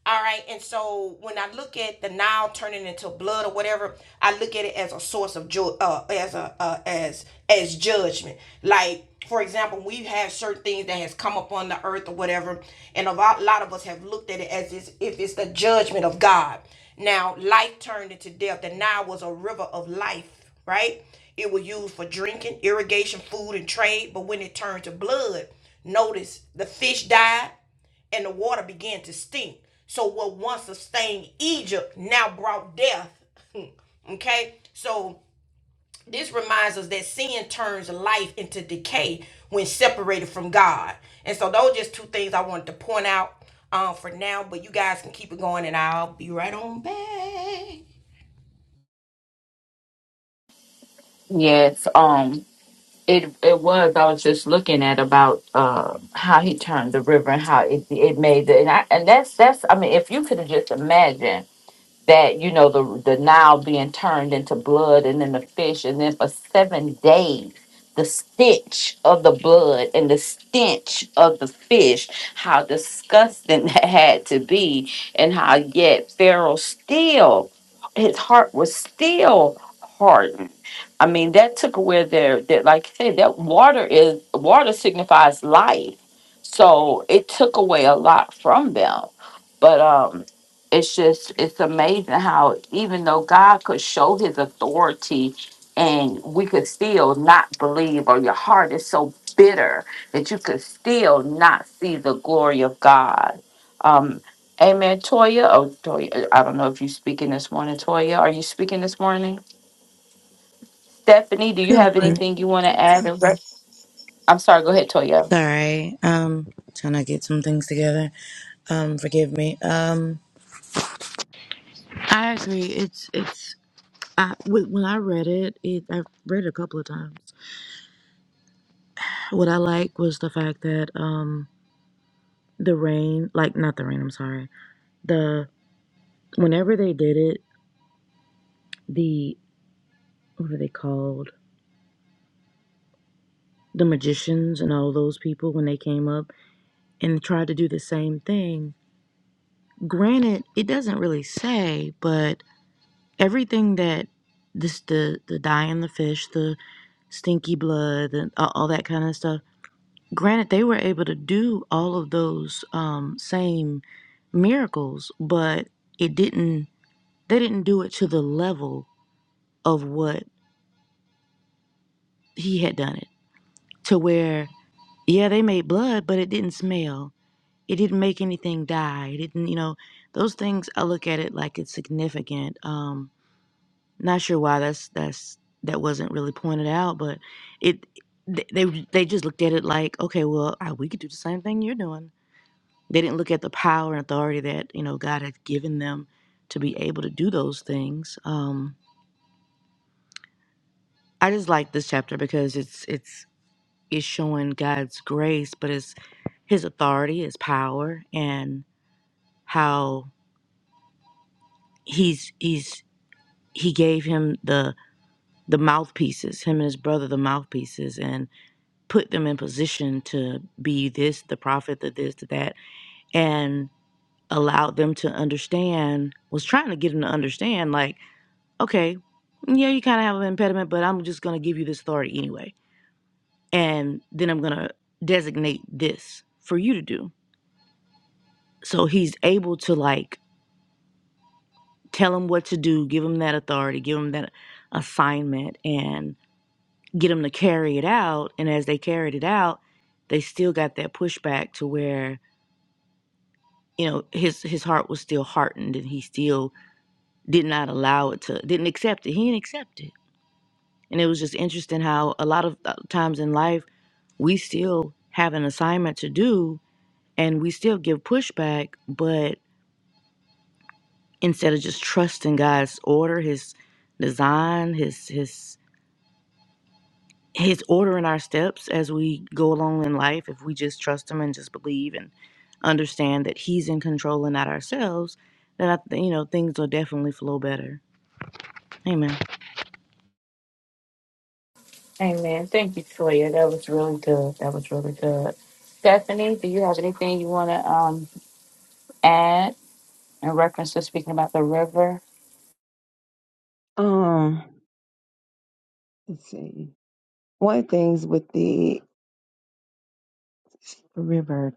[SPEAKER 1] All right. And so when I look at the Nile turning into blood or whatever, I look at it as a source of joy, uh, as a uh, as as judgment. Like for example, we've had certain things that has come upon the earth or whatever, and a lot, lot of us have looked at it as is- if it's the judgment of God. Now, life turned into death. The Nile was a river of life right? It was used for drinking, irrigation, food, and trade. But when it turned to blood, notice the fish died and the water began to stink. So what once sustained Egypt now brought death. okay? So this reminds us that sin turns life into decay when separated from God. And so those are just two things I wanted to point out um, for now, but you guys can keep it going and I'll be right on back.
[SPEAKER 5] Good morning. Sorry, um trying to get some things together. Um forgive me. Um I agree. It's it's I, when when I read it, it I've read it a couple of times. What I like was the fact that um the rain, like not the rain, I'm sorry. The whenever they did it, the what are they called? The magicians and all those people when they came up and tried to do the same thing Granted, it doesn't really say, but everything that this the the dye in the fish, the stinky blood, and a- all that kind of stuff. Granted, they were able to do all of those um, same miracles, but it didn't. They didn't do it to the level of what he had done it to where yeah, they made blood, but it didn't smell. It didn't make anything die. It didn't, you know, those things I look at it like it's significant. Um, Not sure why that's that's that wasn't really pointed out, but it th- they they just looked at it like, okay, well, uh, we could do the same thing you're doing. They didn't look at the power and authority that you know God had given them to be able to do those things. Um, I just like this chapter because it's it's it's showing God's grace, but it's His authority, His power, and how he's he's he gave him the the mouthpieces, him and his brother the mouthpieces, and put them in position to be this, the prophet, the this, the that, and allowed them to understand, was trying to get them to understand, like, okay, yeah, you kind of have an impediment, but I'm just going to give you this authority anyway. And then I'm going to designate this for you to do. So he's able to, like, tell him what to do, give him that authority, give him that assignment, and get him to carry it out. And as they carried it out, they still got that pushback to where you know his his heart was still heartened and he still did not allow it to didn't accept it he didn't accept it and it was just interesting how a lot of uh, times in life we still have an assignment to do and we still give pushback but instead of just trusting god's order his design his his his order in our steps as we go along in life if we just trust him and just believe and understand that he's in control and not ourselves then I, th- you know things will definitely flow better amen
[SPEAKER 7] Um, let's see. One of the things with the river,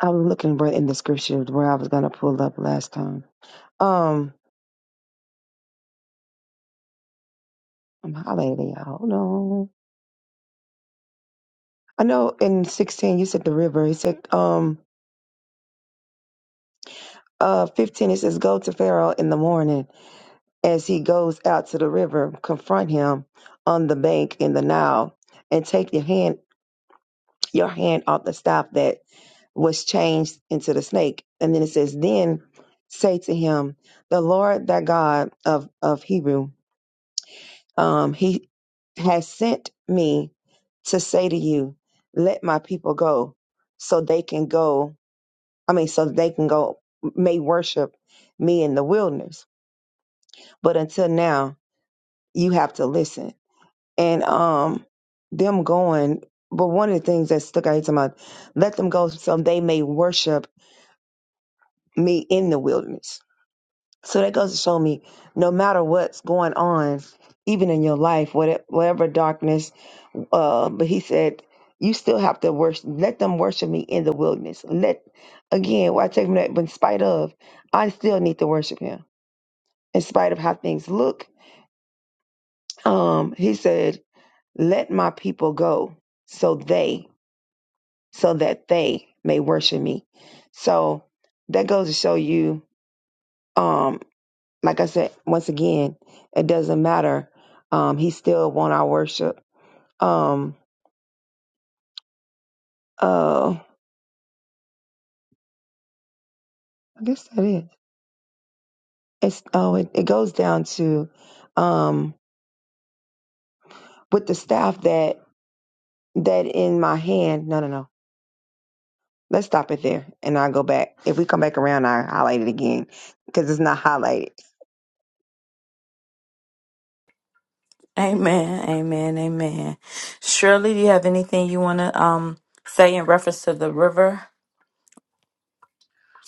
[SPEAKER 7] I was looking right in the scripture where I was gonna pull up last time. Um. Um, Hallelujah. Hold on. I know in 16 you said the river. He said, um, uh, 15 it says, go to Pharaoh in the morning as he goes out to the river, confront him on the bank in the Nile, and take your hand, your hand off the staff that was changed into the snake. And then it says, then say to him, the Lord thy God of of Hebrew. um, he has sent me to say to you, let my people go so they can go. I mean, so they can go, may worship me in the wilderness. But until now, you have to listen. And um, them going, but one of the things that stuck out here to my, let them go so they may worship me in the wilderness. So that goes to show me no matter what's going on, even in your life, whatever, whatever darkness Um, but he said, "You still have to worship. Let them worship me in the wilderness. Let again, why take me that? But in spite of, I still need to worship Him. In spite of how things look, um, he said, "Let my people go, so they, so that they may worship me." So that goes to show you, um, like I said, once again, it doesn't matter. Um, he still want our worship. Um, uh, I guess that is. It's oh, it, it goes down to um with the staff that that in my hand. No, no, no. Let's stop it there, and I'll go back. If we come back around, I will highlight it again because it's not highlighted.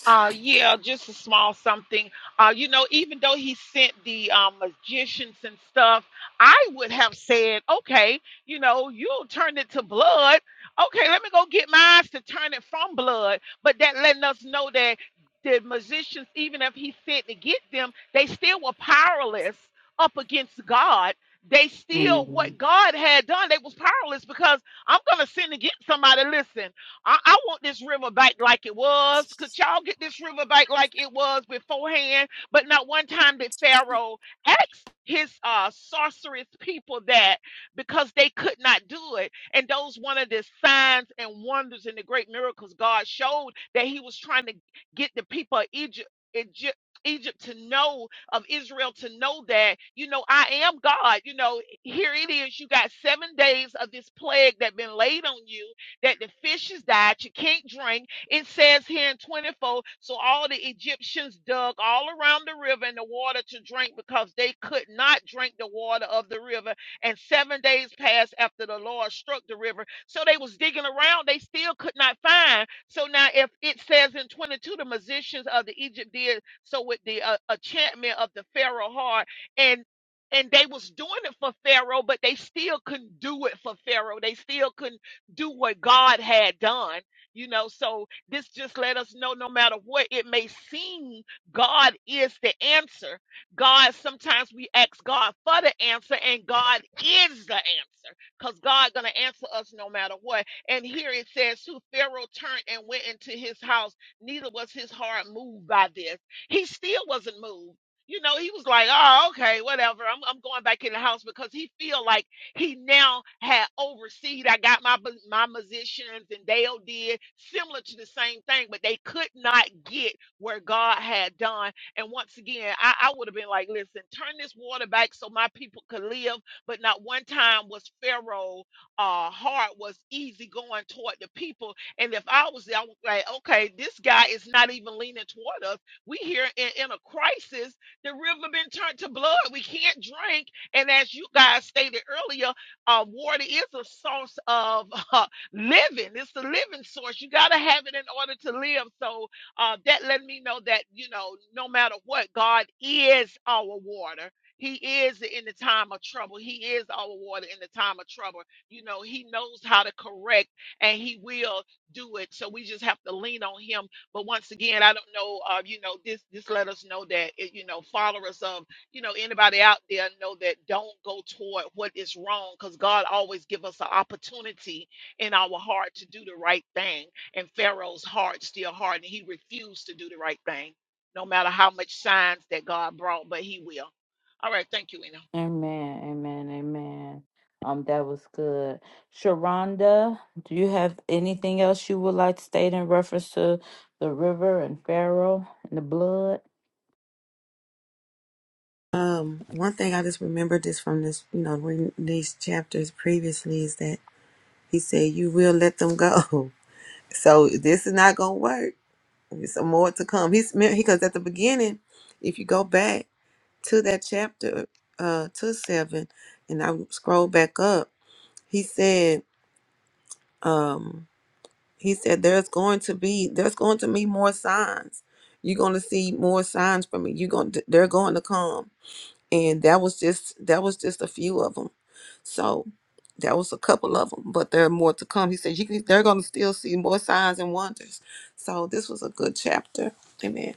[SPEAKER 9] Uh, yeah, just a small something. Uh, you know, even though he sent the um, magicians and stuff, I would have said, okay, you know, you'll turn it to blood. Okay, let me go get my eyes to turn it from blood. But that letting us know that the magicians, even if he sent to get them, they still were powerless up against God. They still, what God had done, they was powerless because I'm going to sin against somebody. Listen, I, I want this river back like it was. Could y'all get this river back like it was beforehand? But not one time did Pharaoh ask his uh sorcerous people that because they could not do it. And those one of the signs and wonders and the great miracles God showed that he was trying to get the people of Egypt Egypt Egypt to know of Israel to know that you know I am God you know here it is you got 7 days of this plague that been laid on you that the fish has died. You can't drink. It says here in 24, so all the Egyptians dug all around the river and the water to drink because they could not drink the water of the river. And seven days passed after the Lord struck the river. So they was digging around. They still could not find. So now if it says in 22, the musicians of the Egypt did so with the uh, enchantment of the Pharaoh heart and and they was doing it for Pharaoh, but they still couldn't do it for Pharaoh. They still couldn't do what God had done. You know, so this just let us know no matter what it may seem, God is the answer. God, sometimes we ask God for the answer, and God is the answer because God going to answer us no matter what. And here it says, Who Pharaoh turned and went into his house, neither was his heart moved by this. He still wasn't moved. You know, he was like, Oh, okay, whatever. I'm, I'm going back in the house because he feel like he now had overseed. I got my my musicians and Dale did similar to the same thing, but they could not get where God had done. And once again, I, I would have been like, listen, turn this water back so my people could live. But not one time was Pharaoh uh heart was easy going toward the people. And if I was there, I was like, okay, this guy is not even leaning toward us. We here in, in a crisis. The river been turned to blood. We can't drink and as you guys stated earlier, uh, water is a source of uh, living. It's the living source. You got to have it in order to live. So uh, that let me know that, you know, no matter what, God is our water. He is in the time of trouble. He is our water in the time of trouble. You know, He knows how to correct and He will do it. So we just have to lean on Him. But once again, I don't know, uh, you know, this, this let us know that, it, you know, followers of you know anybody out there know that don't go toward what is wrong because god always give us an opportunity in our heart to do the right thing and pharaoh's heart still hardened; he refused to do the right thing no matter how much signs that god brought but he will all right thank you Eno.
[SPEAKER 6] Um, one thing I just remembered this from this, you know, reading these chapters previously is that he said, "You will let them go." So this is not gonna work. There's some more to come. He's because at the beginning, if you go back to that chapter, uh, to seven, and I scroll back up, he said, um. He said, There's going to be, there's going to be more signs. You're going to see more signs from me. You're going to, they're going to come. And that was just, that was just a few of them. So that was a couple of them, but there are more to come. He said, you can, they're going to still see more signs and wonders. So this was a good chapter. Amen.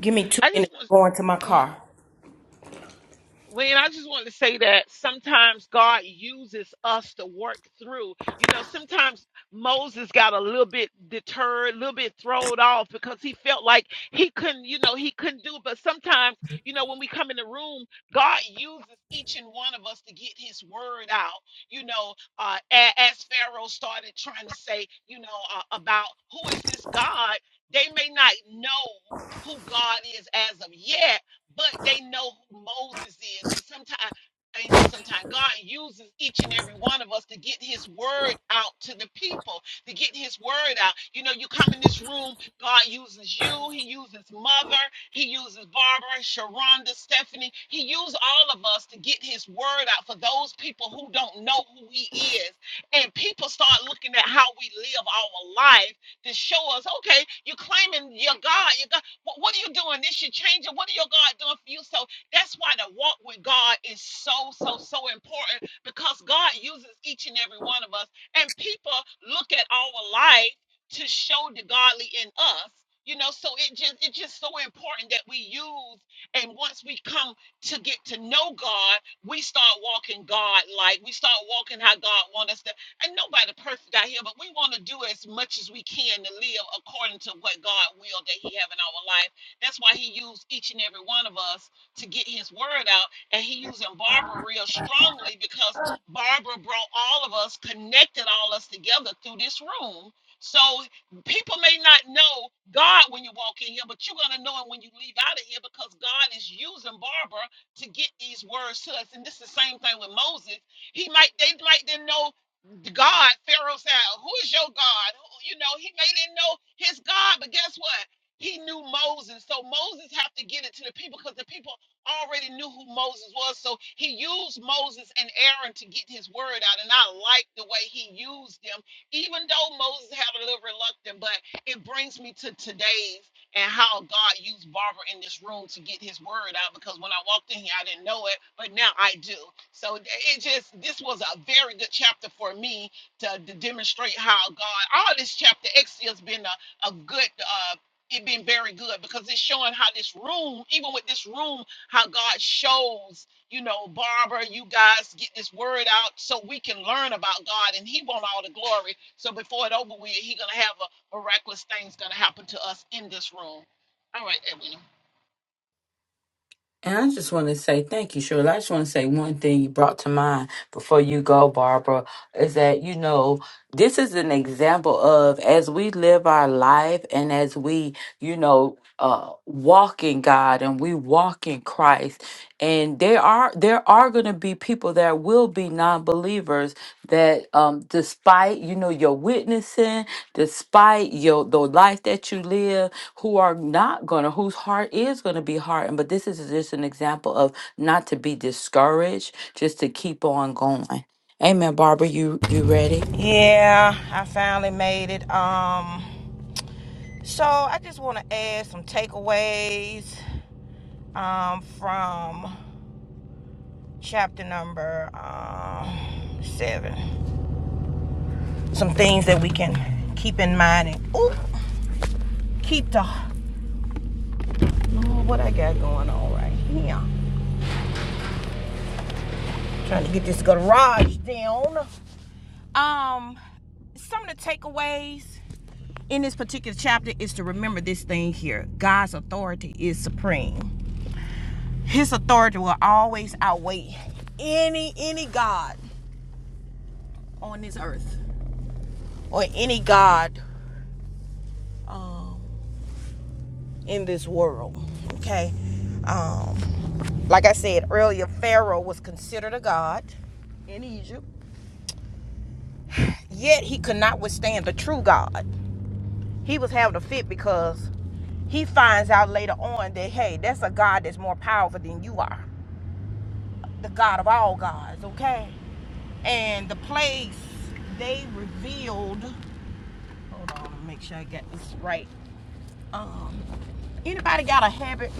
[SPEAKER 1] Give me two
[SPEAKER 9] i just
[SPEAKER 1] minutes
[SPEAKER 9] want to
[SPEAKER 1] going to my
[SPEAKER 9] go ahead.
[SPEAKER 1] car.
[SPEAKER 9] When I just wanted to say that sometimes God uses us to work through. You know, sometimes Moses got a little bit deterred, a little bit thrown off because he felt like he couldn't, you know, he couldn't do. it. But sometimes, you know, when we come in the room, God uses each and one of us to get his word out. You know, uh, a- as Pharaoh started trying to say, you know, uh, about who is this God, they may not know who God is as of yet but they know who Moses is. And sometimes, you know, sometimes God uses each and every one of us to get his word out to the people, to get his word out. You know, you come in this room, God uses you, he uses mother, he uses Barbara, Sharonda, Stephanie. He uses all of us to get his word out for those people who don't know who he is. And people start looking at how we live our life to show us, okay, you're claiming your God, your God. What, what are you doing? This should change it. What are your God doing for you? So that's why the walk with God is so, so, so important because God uses each and every one of us. And people look at our life to show the godly in us. You know, so it just it's just so important that we use and once we come to get to know God, we start walking God like we start walking how God wants us to and nobody perfect out here, but we want to do as much as we can to live according to what God will that He have in our life. That's why He used each and every one of us to get His word out, and He using Barbara real strongly because Barbara brought all of us, connected all us together through this room. So people may not know God when you walk in here, but you're gonna know Him when you leave out of here because God is using Barbara to get these words to us. And this is the same thing with Moses. He might they might didn't know God, Pharaoh said, Who is your God? Who, you know, he may didn't know his God, but guess what? He knew Moses. So Moses have to get it to the people because the people already knew who Moses was. So he used Moses and Aaron to get his word out. And I like the way he used them, even though Moses had a little reluctant, but it brings me to today's and how God used Barbara in this room to get his word out because when I walked in here, I didn't know it, but now I do. So it just, this was a very good chapter for me to, to demonstrate how God, all this chapter, X has been a, a good, uh, it been very good because it's showing how this room, even with this room, how God shows, you know, Barbara, you guys get this word out so we can learn about God and He want all the glory. So before it over with, He gonna have a miraculous things gonna happen to us in this room. All right, Edwin.
[SPEAKER 1] Yeah, I finally made it. Um, so I just want to add some takeaways um, from chapter number um, seven. Some things that we can keep in mind and ooh, keep the Lord, what I got going on right here. Trying to get this garage down. Um, some of the takeaways in this particular chapter is to remember this thing here: God's authority is supreme. His authority will always outweigh any any god on this earth or any god um, in this world. Okay, um, like I said earlier, Pharaoh was considered a god in Egypt, yet he could not withstand the true God. He was having a fit because he finds out later on that hey, that's a God that's more powerful than you are, the God of all gods. Okay, and the plagues they revealed Hold on, make sure I got this right. Um, anybody got a habit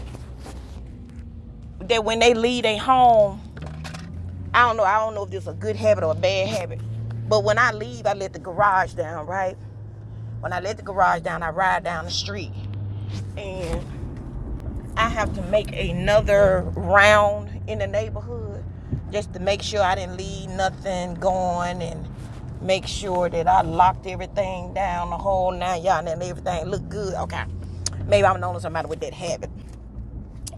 [SPEAKER 1] that when they leave they home? I don't know. I don't know if this is a good habit or a bad habit. But when I leave, I let the garage down, right? When I let the garage down, I ride down the street, and I have to make another round in the neighborhood just to make sure I didn't leave nothing going and make sure that I locked everything down the whole nine yard and everything looked good. Okay. Maybe I'm the only somebody with that habit.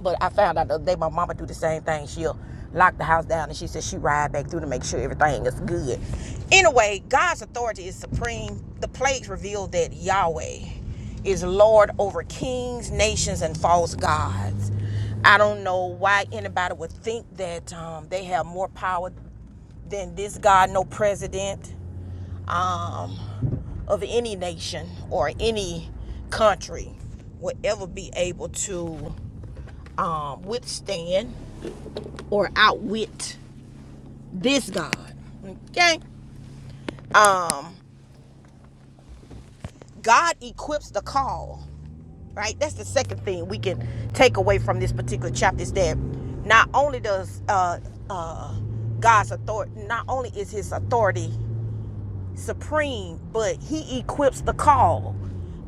[SPEAKER 1] But I found out the other day my mama do the same thing. She'll lock the house down and she says she ride back through to make sure everything is good. Anyway, God's authority is supreme. The plagues reveal that Yahweh is Lord over kings, nations, and false gods. I don't know why anybody would think that um, they have more power than this God, no president um, of any nation or any country would ever be able to um, withstand or outwit this God. Okay? Um, God equips the call, right? That's the second thing we can take away from this particular chapter is that not only does uh, uh, God's authority, not only is his authority supreme, but he equips the call.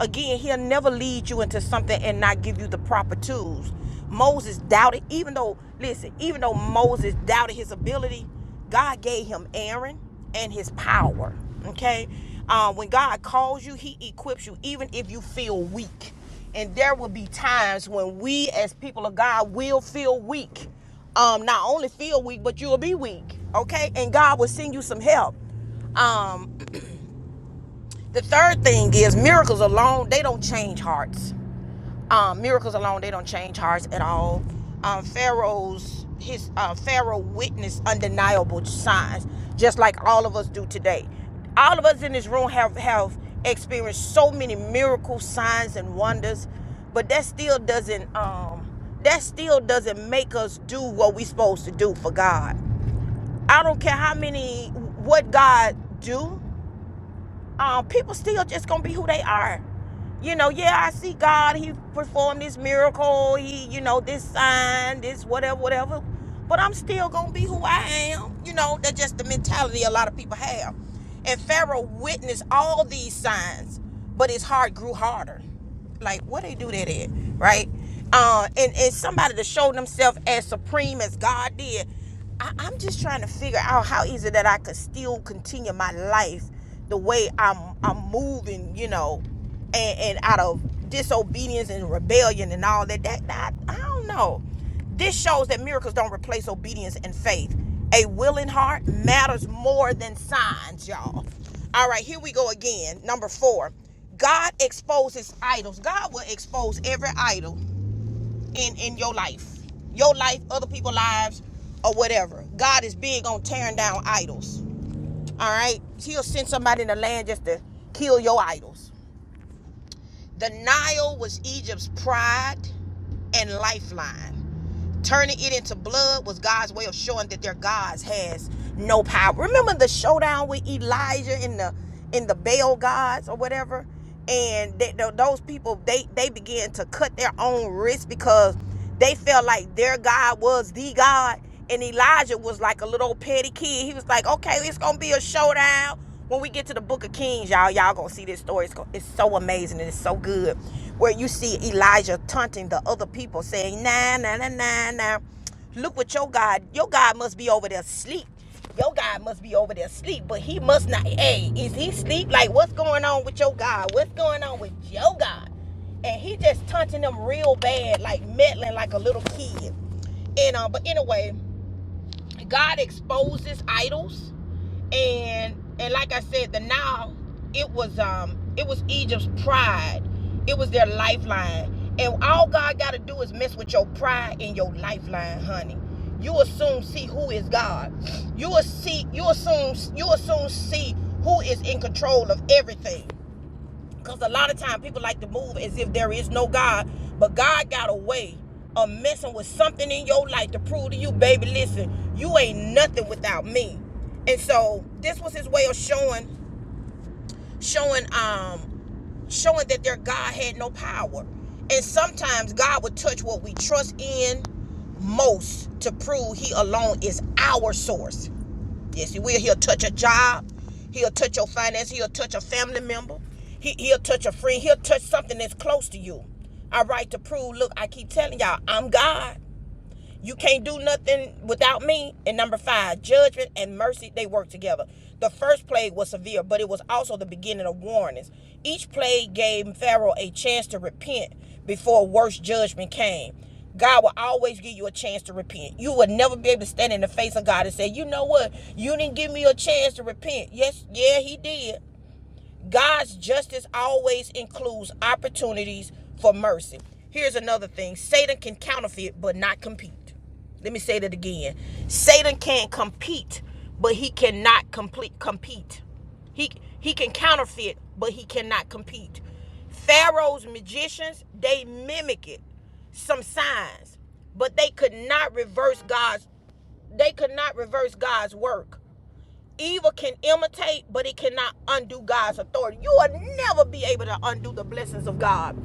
[SPEAKER 1] Again, he'll never lead you into something and not give you the proper tools. Moses doubted, even though, listen, even though Moses doubted his ability, God gave him Aaron and his power. Okay? Uh, when God calls you, he equips you, even if you feel weak. And there will be times when we, as people of God, will feel weak. Um, not only feel weak, but you'll be weak. Okay? And God will send you some help. Um, the third thing is miracles alone, they don't change hearts. Um, miracles alone, they don't change hearts at all. Um, Pharaoh's his uh, Pharaoh witnessed undeniable signs, just like all of us do today. All of us in this room have have experienced so many miracle signs and wonders, but that still doesn't um, that still doesn't make us do what we're supposed to do for God. I don't care how many what God do um, people still just gonna be who they are. You know, yeah, I see God. He performed this miracle. He, you know, this sign, this whatever, whatever. But I'm still gonna be who I am. You know, that's just the mentality a lot of people have. And Pharaoh witnessed all these signs, but his heart grew harder like where they do that at, right? Uh, and and somebody to show themselves as supreme as God did. I, I'm just trying to figure out how is it that I could still continue my life the way I'm I'm moving, you know, and, and out of disobedience and rebellion and all that. That, that I I don't know. This shows that miracles don't replace obedience and faith. A willing heart matters more than signs, y'all. All right, here we go again. Number four. God exposes idols. God will expose every idol in in your life, your life, other people's lives, or whatever. God is big on tearing down idols. All right, He'll send somebody in the land just to kill your idols. The Nile was Egypt's pride and lifeline. Turning it into blood was God's way of showing that their gods has no power. Remember the showdown with Elijah in the in the Baal gods or whatever, and they, th- those people they they began to cut their own wrists because they felt like their God was the God, and Elijah was like a little petty kid. He was like, okay, it's gonna be a showdown when we get to the book of kings y'all y'all gonna see this story it's, go- it's so amazing and it's so good where you see elijah taunting the other people saying nah nah nah nah nah look what your god your god must be over there asleep your god must be over there asleep but he must not hey is he sleep like what's going on with your god what's going on with your god and he just taunting them real bad like meddling like a little kid and uh but anyway God exposes idols and and like I said, the now it was um it was Egypt's pride. It was their lifeline. And all God gotta do is mess with your pride and your lifeline, honey. You will soon see who is God. You will see you will soon you will soon see who is in control of everything. Because a lot of times people like to move as if there is no God, but God got a way of messing with something in your life to prove to you, baby, listen, you ain't nothing without me. And so this was his way of showing, showing, um, showing that their God had no power. And sometimes God would touch what we trust in most to prove he alone is our source. Yes, he will. He'll touch a job. He'll touch your finances. He'll touch a family member. He, he'll touch a friend. He'll touch something that's close to you. All right, to prove, look, I keep telling y'all, I'm God. You can't do nothing without me. And number five, judgment and mercy, they work together. The first plague was severe, but it was also the beginning of warnings. Each plague gave Pharaoh a chance to repent before worse judgment came. God will always give you a chance to repent. You would never be able to stand in the face of God and say, you know what? You didn't give me a chance to repent. Yes, yeah, he did. God's justice always includes opportunities for mercy. Here's another thing Satan can counterfeit, but not compete. Let me say that again. Satan can compete, but he cannot complete compete. He he can counterfeit, but he cannot compete. Pharaoh's magicians, they mimic it, some signs, but they could not reverse God's they could not reverse God's work. Evil can imitate, but it cannot undo God's authority. You will never be able to undo the blessings of God.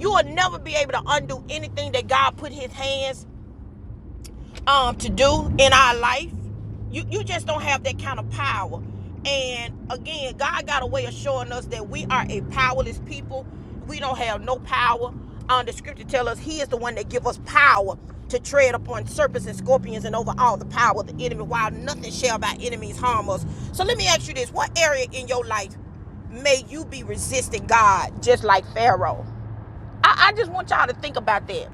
[SPEAKER 1] You will never be able to undo anything that God put his hands um to do in our life you you just don't have that kind of power and again god got a way of showing us that we are a powerless people we don't have no power um the scripture tell us he is the one that give us power to tread upon serpents and scorpions and over all the power of the enemy while nothing shall by enemies harm us so let me ask you this what area in your life may you be resisting god just like pharaoh i, I just want y'all to think about that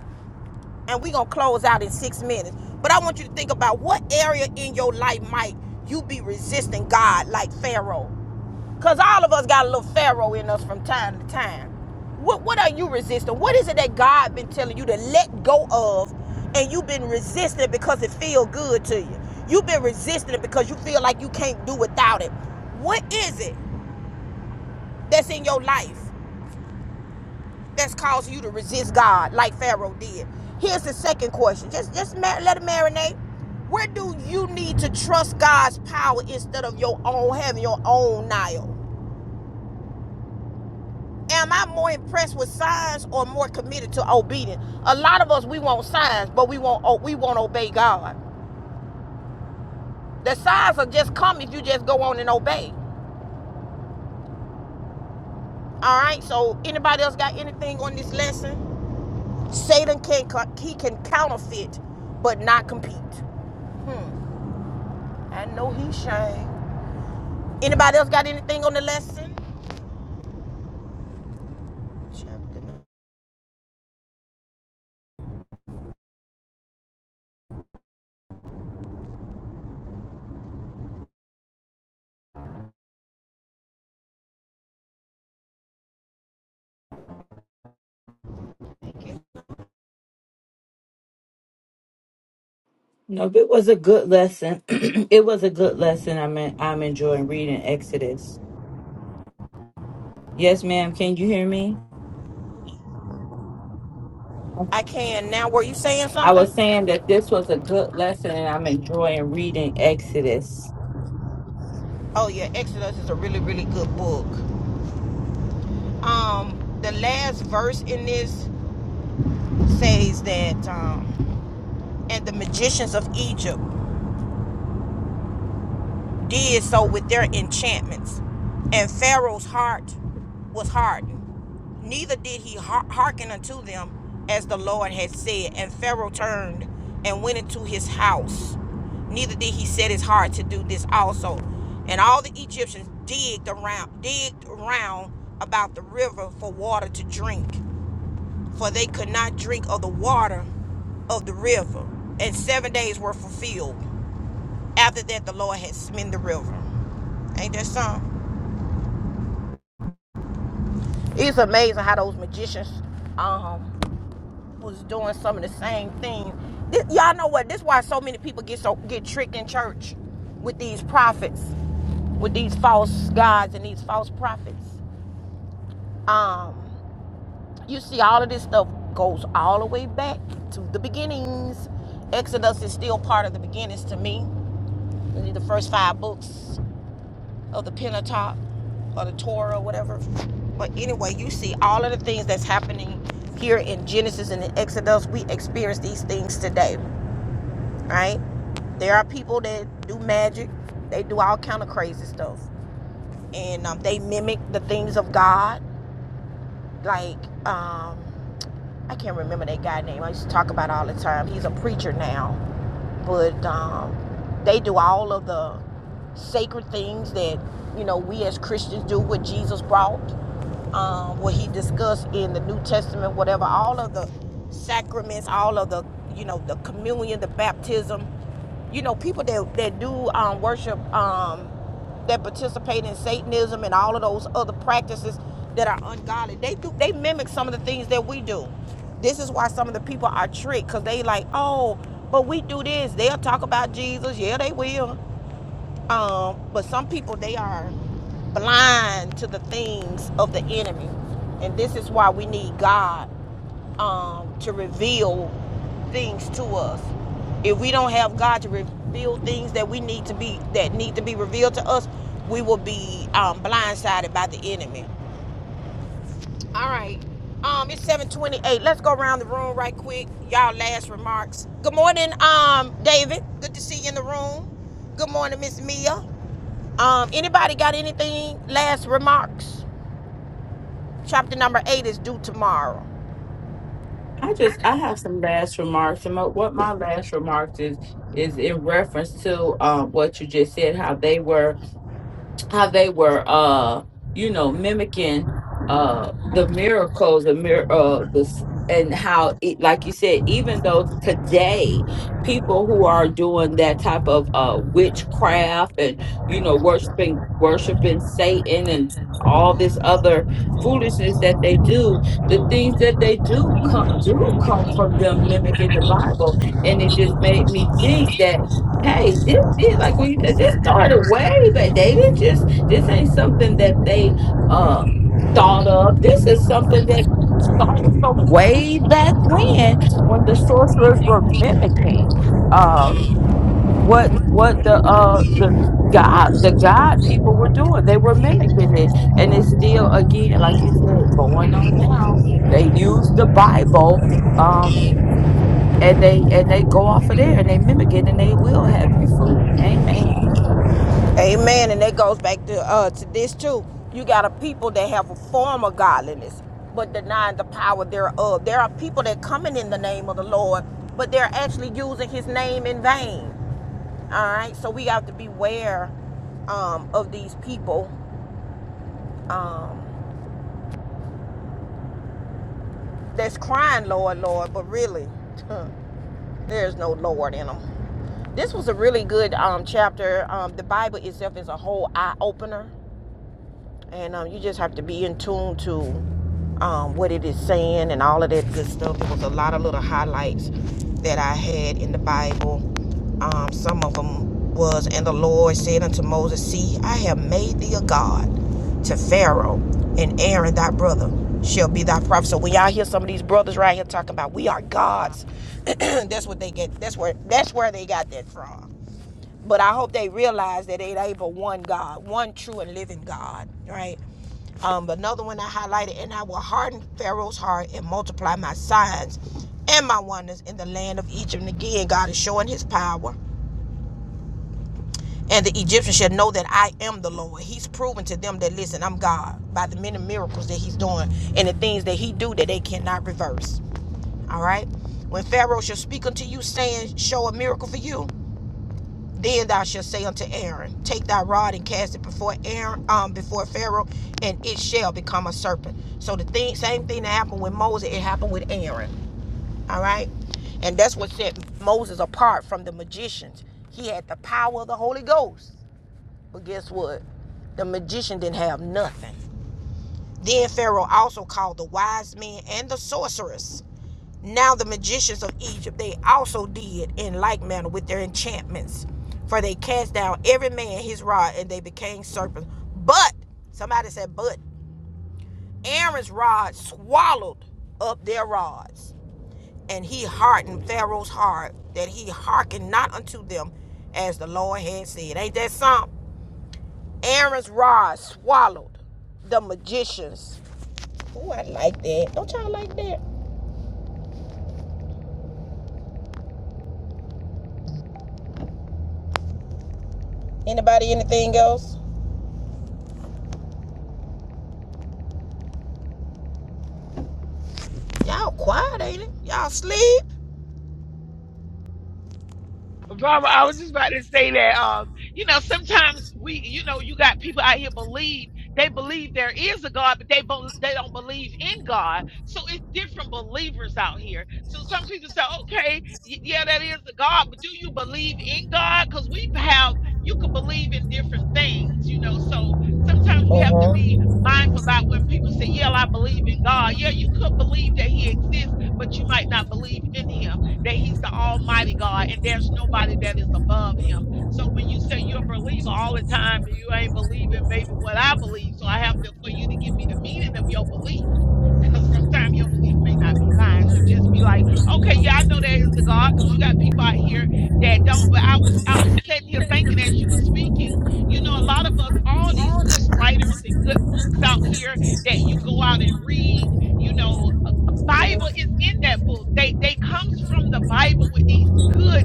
[SPEAKER 1] and we're gonna close out in six minutes. But I want you to think about what area in your life might you be resisting God like Pharaoh. Cause all of us got a little Pharaoh in us from time to time. What what are you resisting? What is it that God been telling you to let go of and you've been resisting it because it feel good to you? You've been resisting it because you feel like you can't do without it. What is it that's in your life? that's causing you to resist God like Pharaoh did? Here's the second question. Just just let it marinate. Where do you need to trust God's power instead of your own having your own Nile? Am I more impressed with signs or more committed to obedience? A lot of us we want signs, but we won't we won't obey God. The signs will just come if you just go on and obey. All right. So anybody else got anything on this lesson? Satan can co- he can counterfeit, but not compete. I know he's shame. Anybody else got anything on the lesson? I can now. Were you saying something? Oh yeah, Exodus is a really, really good book. Um, the last verse in this says that um, and the magicians of Egypt did so with their enchantments. And Pharaoh's heart was hardened. Neither did he hearken unto them as the Lord had said. And Pharaoh turned and went into his house. Neither did he set his heart to do this also. And all the Egyptians digged around, digged around about the river for water to drink, for they could not drink of the water of the river. And seven days were fulfilled. After that, the Lord had smitten the river. Ain't that something? It's amazing how those magicians um was doing some of the same thing. This, y'all know what? This is why so many people get so get tricked in church with these prophets, with these false gods and these false prophets. Um, you see, all of this stuff goes all the way back to the beginnings. Exodus is still part of the beginnings to me. The first five books. of the Pentateuch or the Torah or whatever. But anyway, you see all of the things that's happening here in Genesis and in Exodus. We experience these things today, right? There are people that do magic. They do all kind of crazy stuff, and um, they mimic the things of God, like um, I can't remember that guy name. I used to talk about all the time. He's a preacher now, but um, they do all of the sacred things that you know we as Christians do. What Jesus brought, um, what he discussed in the New Testament, whatever. All of the sacraments, all of the you know the communion, the baptism. You know, people that that do um, worship. Um, that participate in Satanism and all of those other practices that are ungodly. They do they mimic some of the things that we do. This is why some of the people are tricked because they like, oh, but we do this. They'll talk about Jesus. Yeah, they will. Um, but some people they are blind to the things of the enemy, and this is why we need God um, to reveal things to us. If we don't have God to reveal things that we need to be that need to be revealed to us, we will be um, blindsided by the enemy. All right. Um, it's 728. Let's go around the room right quick. Y'all last remarks. Good morning, um, David. Good to see you in the room. Good morning, Miss Mia. Um, anybody got anything last remarks? Chapter number eight is due tomorrow. Amen. And that goes back to uh to this too. You got a people that have a form of godliness, but denying the power thereof. There are people that coming in the name of the Lord, but they're actually using his name in vain. All right, so we have to beware um, of these people um, that's crying, Lord, Lord, but really There's no Lord in them. This was a really good um, chapter. Um, the Bible itself is a whole eye opener and um, you just have to be in tune to um, what it is saying and all of that good stuff. There was a lot of little highlights that I had in the Bible. Um, some of them was, and the Lord said unto Moses, See, I have made thee a god to Pharaoh, and Aaron thy brother shall be thy prophet. So when y'all hear some of these brothers right here talking about we are gods, that's what they get. That's where that's where they got that from. But I hope they realize that it ain't but one God, one true and living God, right? Um, another one I highlighted, and I will harden Pharaoh's heart and multiply my signs and my wonders in the land of Egypt. And again, God is showing his power. And the Egyptians shall know that I am the Lord. He's proven to them that listen, I'm God by the many miracles that he's doing and the things that he do that they cannot reverse. All right. When Pharaoh shall speak unto you, saying, Show a miracle for you, Then thou shalt say unto Aaron, Take thy rod and cast it before Aaron, um, before Pharaoh, and it shall become a serpent. So the thing, same thing that happened with Moses, it happened with Aaron. All right, and that's what set Moses apart from the magicians. He had the power of the Holy Ghost, but guess what? The magician didn't have nothing. Then Pharaoh also called the wise men and the sorcerers. Now the magicians of Egypt, they also did in like manner with their enchantments. For they cast down every man his rod and they became serpents. But, somebody said, but Aaron's rod swallowed up their rods. And he hardened Pharaoh's heart that he hearkened not unto them as the Lord had said. Ain't that something? Aaron's rod swallowed the magicians Oh, I like that. Don't y'all like that? Anybody, anything else? Y'all quiet, ain't it? Y'all sleep?
[SPEAKER 9] Barbara, I was just about to say that. Um, you know, sometimes we, you know, you got people out here believe they believe there is a God, but they bel they don't believe in God. So it's different believers out here. So some people say, okay, y- yeah, that is a God, but do you believe in God? Because we have you could believe in different things, you know. So sometimes we
[SPEAKER 1] Uh
[SPEAKER 9] have to
[SPEAKER 1] huh.
[SPEAKER 9] be
[SPEAKER 1] I'm
[SPEAKER 9] mindful about when people say, yeah, I believe in God. Yeah, you could believe that He exists, but you might not believe in Him that he's the almighty God and there's nobody that is above him. So when you say you're a believer all the time, you ain't believing maybe what I believe. So I have to, for you to give me the meaning of your belief because sometimes your belief may not be mine. You just be like, okay, yeah, I know there is the God, because you got people out here that don't. But I was I was sitting here thinking as you
[SPEAKER 1] gonna
[SPEAKER 9] were speaking, you know, a
[SPEAKER 1] make
[SPEAKER 9] lot of us,
[SPEAKER 1] you
[SPEAKER 9] all these good
[SPEAKER 1] mine.
[SPEAKER 9] writers and good books out here that you go out and read, you know, a, a Bible is in that book. They they comes from the Bible with these good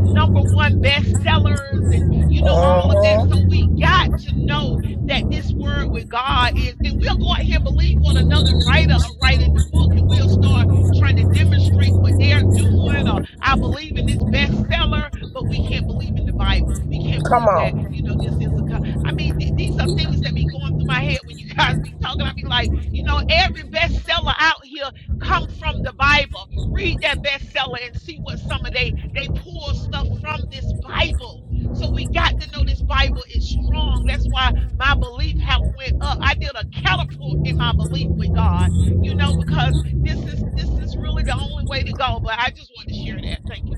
[SPEAKER 9] number one bestsellers and you know all of that. So we got to know that this word with God is, and we'll go out here and believe what another writer are writing the book, and we'll start trying to demonstrate what they're doing, or I believe in this bestseller, but we can't believe in the Bible. We can't
[SPEAKER 1] Come
[SPEAKER 9] believe
[SPEAKER 1] on.
[SPEAKER 9] that, you know, this is a. co- I mean, th- these are things that be going through my head when you guys be talking. I be like, you know, every bestseller out here come from the Bible. Read that bestseller and see what some of they they pull stuff from this Bible. So we got to know this Bible is strong. That's why my belief have went up i did a catapult in my belief with god you know because this is this is really the only way to go but i just wanted to share that thank you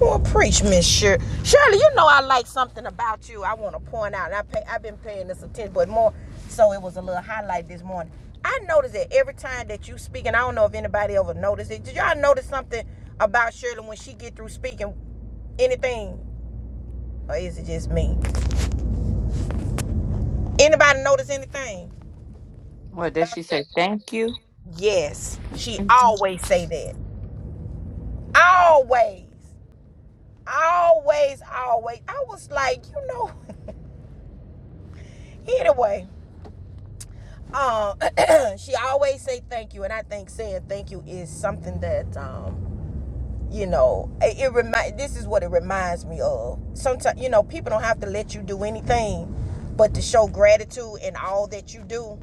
[SPEAKER 1] Well, preach, Miss Shirley. Shirley, you know I like something about you. I want to point out. And I pay, I've been paying this attention, but more so it was a little highlight this morning. I noticed that every time that you speak, and I don't know if anybody ever noticed it. Did y'all notice something about Shirley when she get through speaking? Anything, or is it just me? Anybody notice anything? Yes, she always say that. Always, always, always. I was like, you know. anyway, Um, she always say thank you, and I think saying thank you is something that um, you know it, it remind this is what it reminds me of sometimes you know people don't have to let you do anything but to show gratitude in all that you do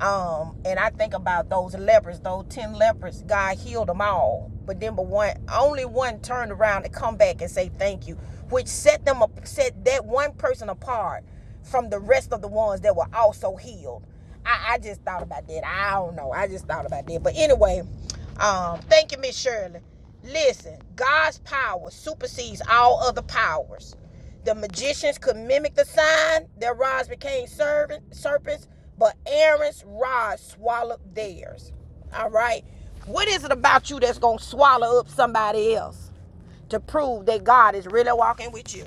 [SPEAKER 1] um and i think about those lepers those 10 lepers god healed them all but then but one only one turned around and come back and say thank you which set them up set that one person apart from the rest of the ones that were also healed i, I just thought about that i don't know i just thought about that but anyway um thank you miss shirley Listen, God's power supersedes all other powers. The magicians could mimic the sign, their rods became servant, serpents, but Aaron's rod swallowed theirs. All right? What is it about you that's going to swallow up somebody else? to prove that God is really walking with you.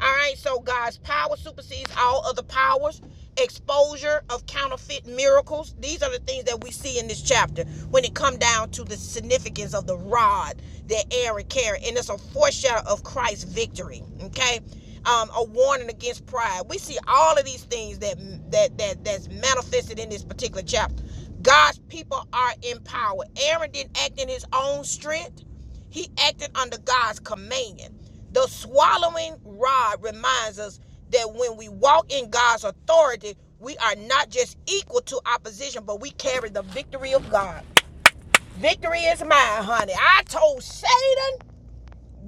[SPEAKER 1] All right, so God's power supersedes all other powers. Exposure of counterfeit miracles. These are the things that we see in this chapter when it come down to the significance of the rod that Aaron carried, and it's a foreshadow of Christ's victory. Okay, um, a warning against pride. We see all of these things that that that that's manifested in this particular chapter. God's people are empowered. Aaron didn't act in his own strength. He acted under God's command. The swallowing rod reminds us that when we walk in God's authority, we are not just equal to opposition, but we carry the victory of God. Victory is mine, honey. I told Satan,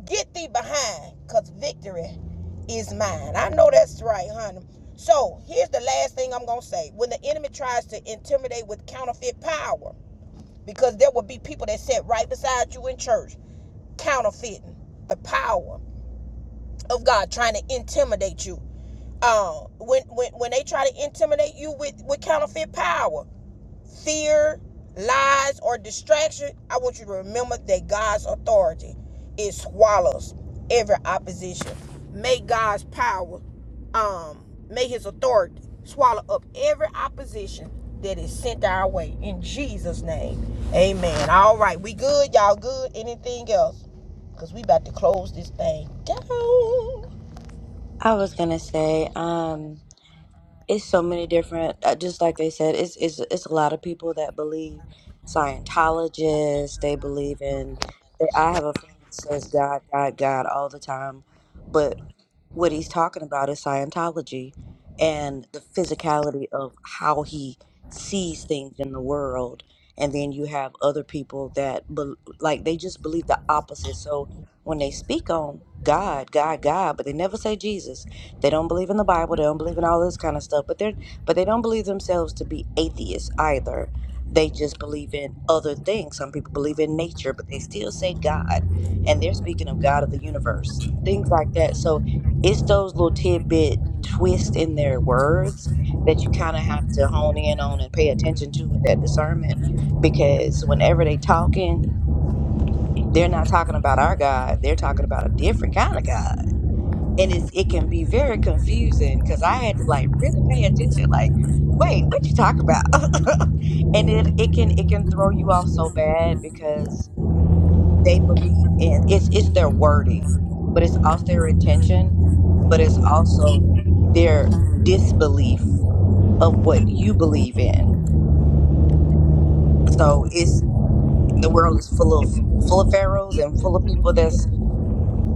[SPEAKER 1] get thee behind, because victory is mine. I know that's right, honey. So here's the last thing I'm going to say. When the enemy tries to intimidate with counterfeit power, because there will be people that sat right beside you in church, counterfeiting the power of God, trying to intimidate you. Uh, when, when when they try to intimidate you with, with counterfeit power, fear, lies, or distraction, I want you to remember that God's authority it swallows every opposition. May God's power, um, may His authority swallow up every opposition that is sent our way. In Jesus' name, Amen. All right, we good, y'all good. Anything else? Cause we about to close this thing down.
[SPEAKER 5] I was gonna say, um, it's so many different. uh, Just like they said, it's it's it's a lot of people that believe Scientologists. They believe in. They, I have a friend that says God, God, God all the time, but what he's talking about is Scientology and the physicality of how he sees things in the world. And then you have other people that, bel like, they just believe the opposite. So when they speak on God, God, God, but they never say Jesus. They don't believe in the Bible. They don't believe in all this kind of stuff. But they're, but they don't believe themselves to be atheists either. They just believe in other things. Some people believe in nature, but they still say God, and they're speaking of God of the universe, things like that. So it's those little tidbit twists in their words that you kind of have to hone in on and pay attention to with that discernment because whenever they talking they're not talking about our god they're talking about a different kind of god and it's, it can be very confusing because i had to like really pay attention like wait what you talk about and it, it can it can throw you off so bad because they believe in it's it's their wording, but it's also their intention, but it's also their disbelief of what you believe in.
[SPEAKER 1] Thank you.
[SPEAKER 5] So it's the world is full of full of pharaohs and full of people that's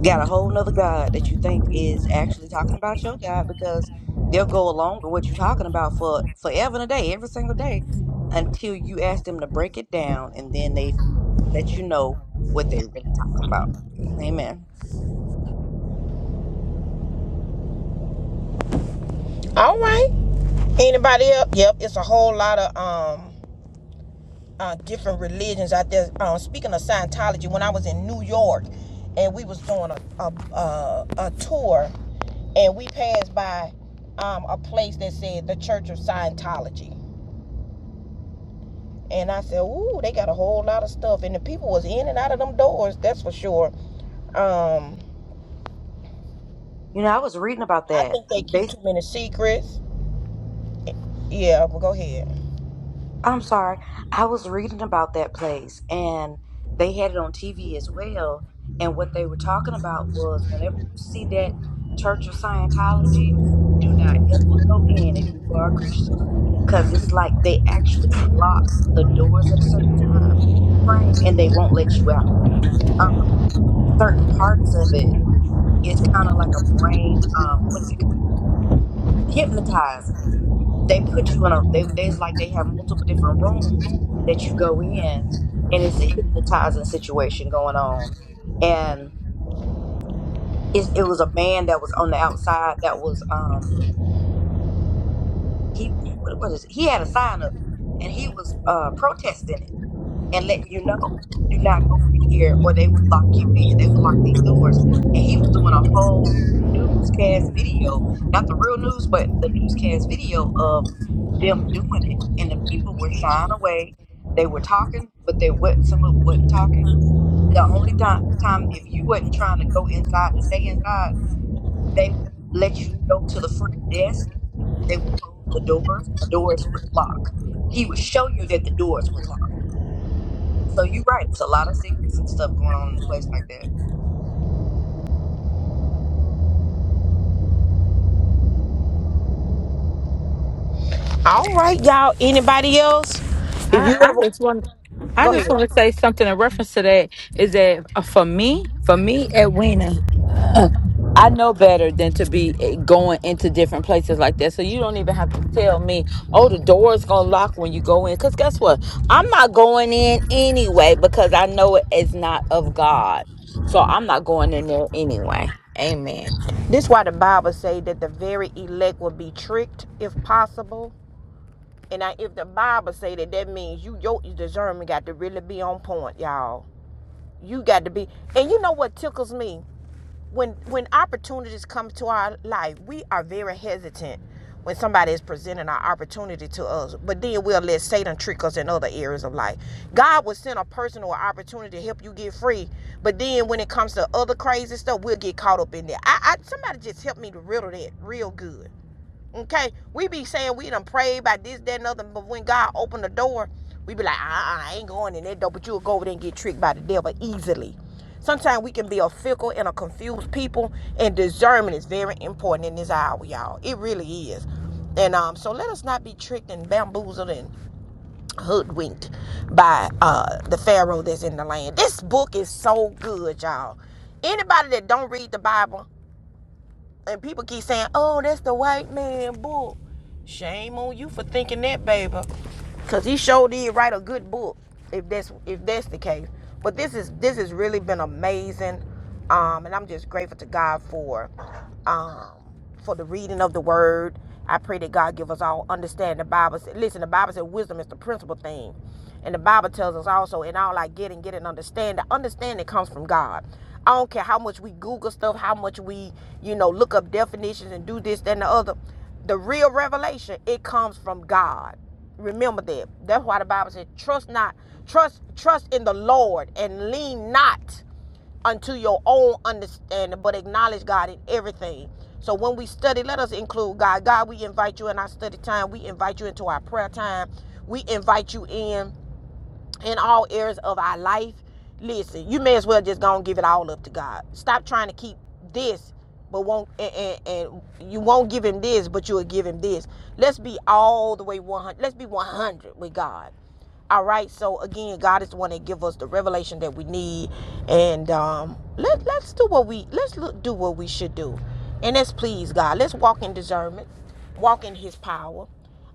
[SPEAKER 5] got a whole nother God that you think is actually talking about your God because they'll go along with what you're talking about for forever and a day, every single day, until you ask them to break it down and then they let you know what they really talking about. Amen.
[SPEAKER 1] All right. Anybody else? Yep, it's a whole lot of um uh, different religions out there. Um, speaking of Scientology, when I was in New York, and we was doing a a, a, a tour, and we passed by um, a place that said the Church of Scientology, and I said, "Ooh, they got a whole lot of stuff," and the people was in and out of them doors. That's for sure. Um,
[SPEAKER 5] You know, I was reading about
[SPEAKER 1] I
[SPEAKER 5] that.
[SPEAKER 1] think they keep
[SPEAKER 5] They,
[SPEAKER 1] too many secrets. Yeah, but go ahead.
[SPEAKER 5] I'm sorry, I was reading about that place, and they had it on TV as well. And what they were talking about was whenever you see that Church of Scientology, do not ever go in if you are a Christian, because it's like they actually lock the doors at a certain time frame, and they won't let you out. Um, certain parts of it is kind of like a brain. Um, what is it? hypnotizing. They put you in a they there's like they have multiple different rooms that you go in and it's a hypnotizing situation going on. And it, it was a man that was on the outside that was um he what what is it? he had a sign up and he was uh protesting it and letting you know, do not go in here or they will lock you in. They will lock these doors. And he was doing a whole newscast video, not the real news, but the newscast video of them doing it. And the people were shying away. They were talking, but they what some of them wasn't talking. The only time, time if you wasn't trying to go inside to stay inside, they would let you go to the front desk. They would close the doors, and the doors would lock. He would show you that the doors would lock so you're right. It's a lot of secrets and stuff going on in a place like that.
[SPEAKER 1] All right, y'all. Anybody else? If you ever go ahead. This why the Bible say that the very elect will be tricked if possible. And now, if the Bible say that, that means you your discernment got to really be on point, y'all. You got to be. And you know what tickles me when when opportunities come to our life, we are very hesitant when somebody is presenting our opportunity to us. But then we'll let Satan trick us in other areas of life. God will send a person or opportunity to help you get free. But then when it comes to other crazy stuff, we'll get caught up in there. I, I somebody just helped me to riddle that real good Okay, we be saying we done prayed by this, that, and other, but when God opened the door, we be like, uh uh, I ain't going in that door, but you'll go over there and get tricked by the devil easily. Sometimes we can be a fickle and a confused people, and discernment is very important in this hour, y'all. It really is. And um, so let us not be tricked and bamboozled and hoodwinked by uh, the Pharaoh that's in the land. This book is so good, y'all. Anybody that don't read the Bible, and people keep saying, oh, that's the white man book. Shame on you for thinking that, baby. Cause he sure did write a good book, if that's if that's the case. But this is this has really been amazing. Um, and I'm just grateful to God for. Um, for the reading of the word. I pray that God give us all understanding. The Bible said, listen, the Bible said wisdom is the principal thing. And the Bible tells us also, in all I get and get an understanding, understanding comes from God. I don't care how much we Google stuff, how much we, you know, look up definitions and do this, that, and the other. The real revelation, it comes from God. Remember that. That's why the Bible said, trust not, trust, trust in the Lord and lean not unto your own understanding, but acknowledge God in everything. So when we study, let us include God. God, we invite you in our study time. We invite you into our prayer time. We invite you in in all areas of our life, listen, you may as well just go and give it all up to God. Stop trying to keep this, but won't and, and, and you won't give him this, but you'll give him this. Let's be all the way 100. Let's be 100 with God. All right. So again, God is the one that give us the revelation that we need, and um, let let's do what we let's look, do what we should do, and let's please God. Let's walk in discernment, walk in His power.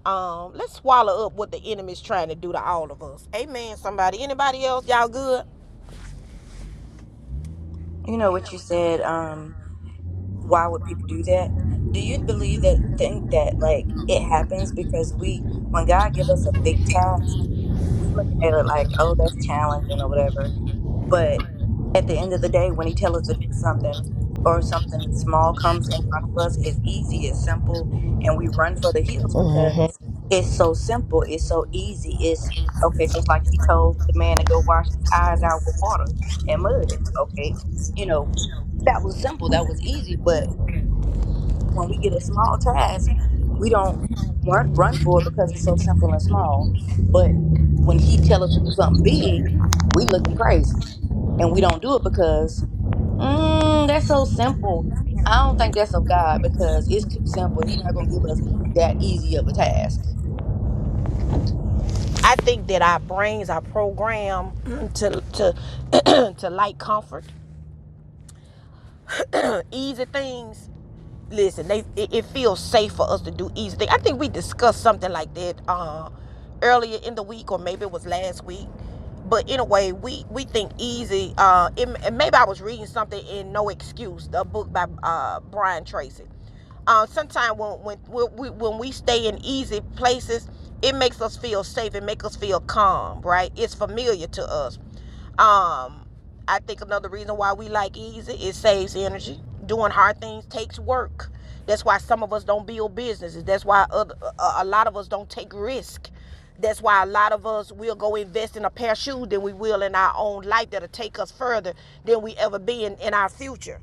[SPEAKER 1] Um, let's swallow up what the enemy's trying to do to all of us. Amen. Somebody, anybody else? Y'all good?
[SPEAKER 5] You know what you said. Um, why would people do that? Do you believe that? Think that like it happens because we, when God give us a big task, we looking at it like, oh, that's challenging or whatever. But at the end of the day, when he tells us to do something or something small comes in front of us, it's easy, it's simple, and we run for the hills
[SPEAKER 1] Uh huh.
[SPEAKER 5] because it's so simple, it's so easy. It's okay, just like he told the man to go wash his eyes out with water and mud. Okay, you know, that was simple, that was easy, but when we get a small task, we don't run run for it because it's so simple and small. But when he tells us to do something big, we looking crazy and we don't do it because mm, that's so simple. I don't think that's of God because it's too simple. He's not gonna give us that easy of a task.
[SPEAKER 1] I think that our brains are programmed to to to like comfort. easy things. Listen, they it, it feels safe for us to do easy things. I think we discussed something like that uh, earlier in the week, or maybe it was last week. But anyway, we we think easy. Uh, it, and maybe I was reading something in No Excuse, the book by uh, Brian Tracy uh, Sometimes when when when we, when we stay in easy places, it makes us feel safe. It makes us feel calm, right? It's familiar to us. Um, I think another reason why we like easy it saves energy. Doing hard things takes work. That's why some of us don't build businesses. That's why other, a lot of us don't take risk. That's why a lot of us will go invest in a pair of shoes than we will in our own life that'll take us further than we ever been in our future.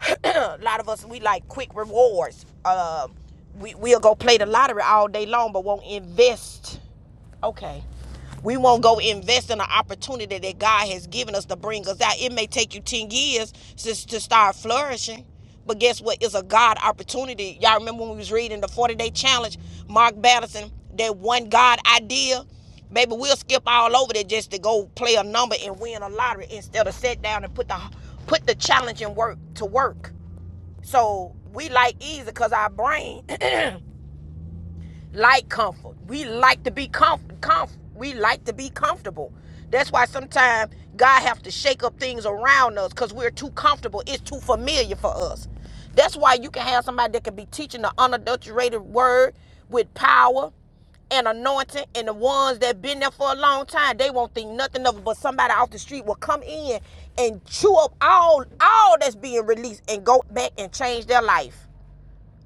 [SPEAKER 1] a lot of us we like quick rewards. Um, we we'll go play the lottery all day long, but won't invest Okay. We won't go invest in an opportunity that God has given us to bring us out. It may take you 10 years to, to start flourishing. But guess what? It's a God opportunity. Y'all remember when we was reading the 40 day challenge, Mark Batterson, that one God idea? Baby, we'll skip all over that just to go play a number and win a lottery instead of sit down and put the put the challenge and work to work. So we like easy because our brain like comfort. We like to be comf- comf- we like to be comfortable. That's why sometimes God have to shake up things around us because we're too comfortable. It's too familiar for us. That's why you can have somebody that can be teaching the unadulterated word with power and anointing and the ones that been there for a long time they won't think nothing of it but somebody off the street will come in and chew up all all that's being released and go back and change their life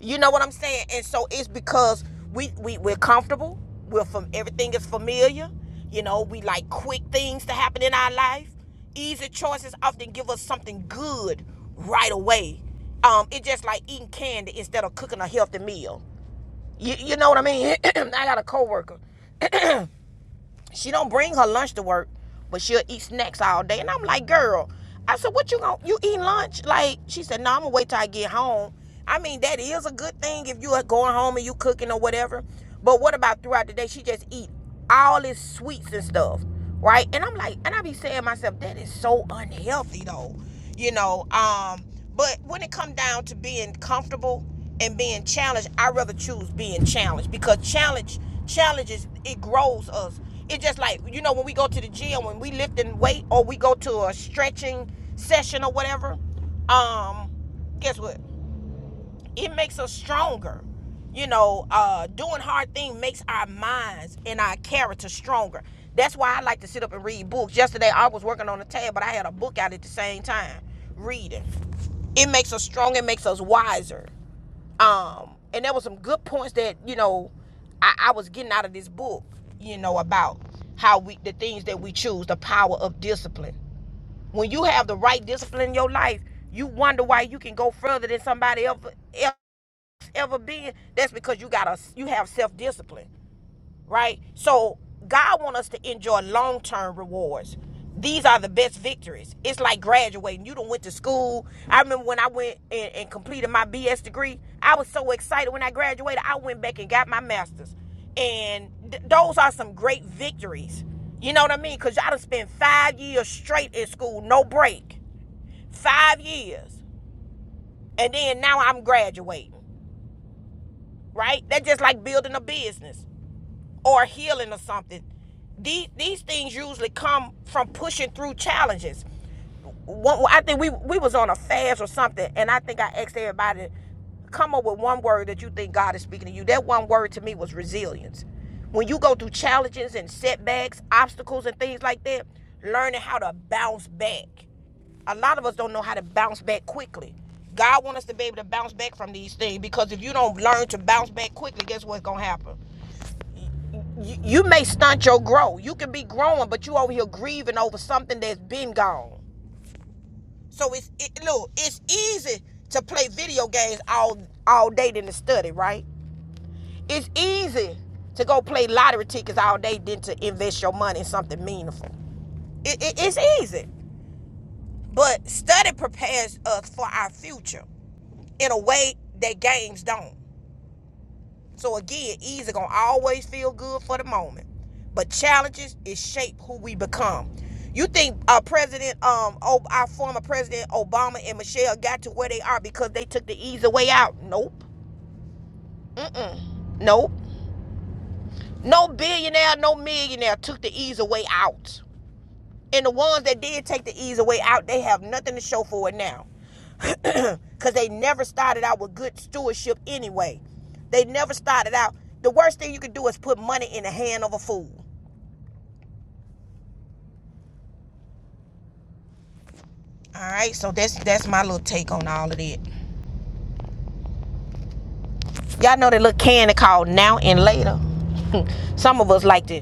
[SPEAKER 1] you know what I'm saying? And so it's because we, we we're comfortable. We're from everything is familiar. You know, we like quick things to happen in our life. Easy choices often give us something good right away. Um, it's just like eating candy instead of cooking a healthy meal. You, you know what I mean? I got a coworker. She don't bring her lunch to work, but she'll eat snacks all day. And I'm like, girl, I said, what you going to you eating lunch? Like, she said, no, I'm gonna wait till I get home. I mean, that is a good thing if you are going home and you cooking or whatever. But what about throughout the day? She just eat all this sweets and stuff right? And I'm like, and I be saying to myself, that is so unhealthy though, you know. Um, but when it come down to being comfortable and being challenged, I rather choose being challenged because challenge challenges it grows us. It just like you know when we go to the gym when we lifting weight or we go to a stretching session or whatever. Um, guess what? it makes us stronger you know uh doing hard things makes our minds and our character stronger that's why i like to sit up and read books yesterday i was working on a tab but i had a book out at the same time reading it makes us stronger it makes us wiser um and there were some good points that you know I, I was getting out of this book you know about how we the things that we choose the power of discipline when you have the right discipline in your life you wonder why you can go further than somebody else ever been, that's because you got a you have self discipline, right? So God want us to enjoy long term rewards. These are the best victories. It's like graduating. You done went to school. I remember when I went and, and completed my BS degree. I was so excited when I graduated. I went back and got my master's, and th- those are some great victories. You know what I mean? Cause y'all done spent five years straight in school, no break, five years, and then now I'm graduating. right? That's just like building a business or healing or something. These these things usually come from pushing through challenges. One, I think we we was on a fast or something, and I think I asked everybody come up with one word that you think God is speaking to you. That one word to me was resilience. When you go through challenges and setbacks, obstacles and things like that, learning how to bounce back a lot of us don't know how to bounce back quickly. God wants us to be able to bounce back from these things because if you don't learn to bounce back quickly, guess what's gonna happen? You, you may stunt your growth. You can be growing, but you over here grieving over something that's been gone. So it's it, look, it's easy to play video games all all day than to study, right? It's easy to go play lottery tickets all day than to invest your money in something meaningful. It, it, it's easy, but study prepares us for our future. in a way that games don't. So again, easy gonna always feel good for the moment, but challenges is shape who we become. You think our President, um, oh, our former President Obama and Michelle got to where they are because they took the easy way out? Nope. Mm-mm. Nope. No billionaire, no millionaire took the easy way out. And the ones that did take the easy way out, they have nothing to show for it now. because they never started out with good stewardship anyway. They never started out. The worst thing you can do is put money in the hand of a fool. All right, so that's that's my little take on all of that. Y'all know that little candy called now and later. Some of us like to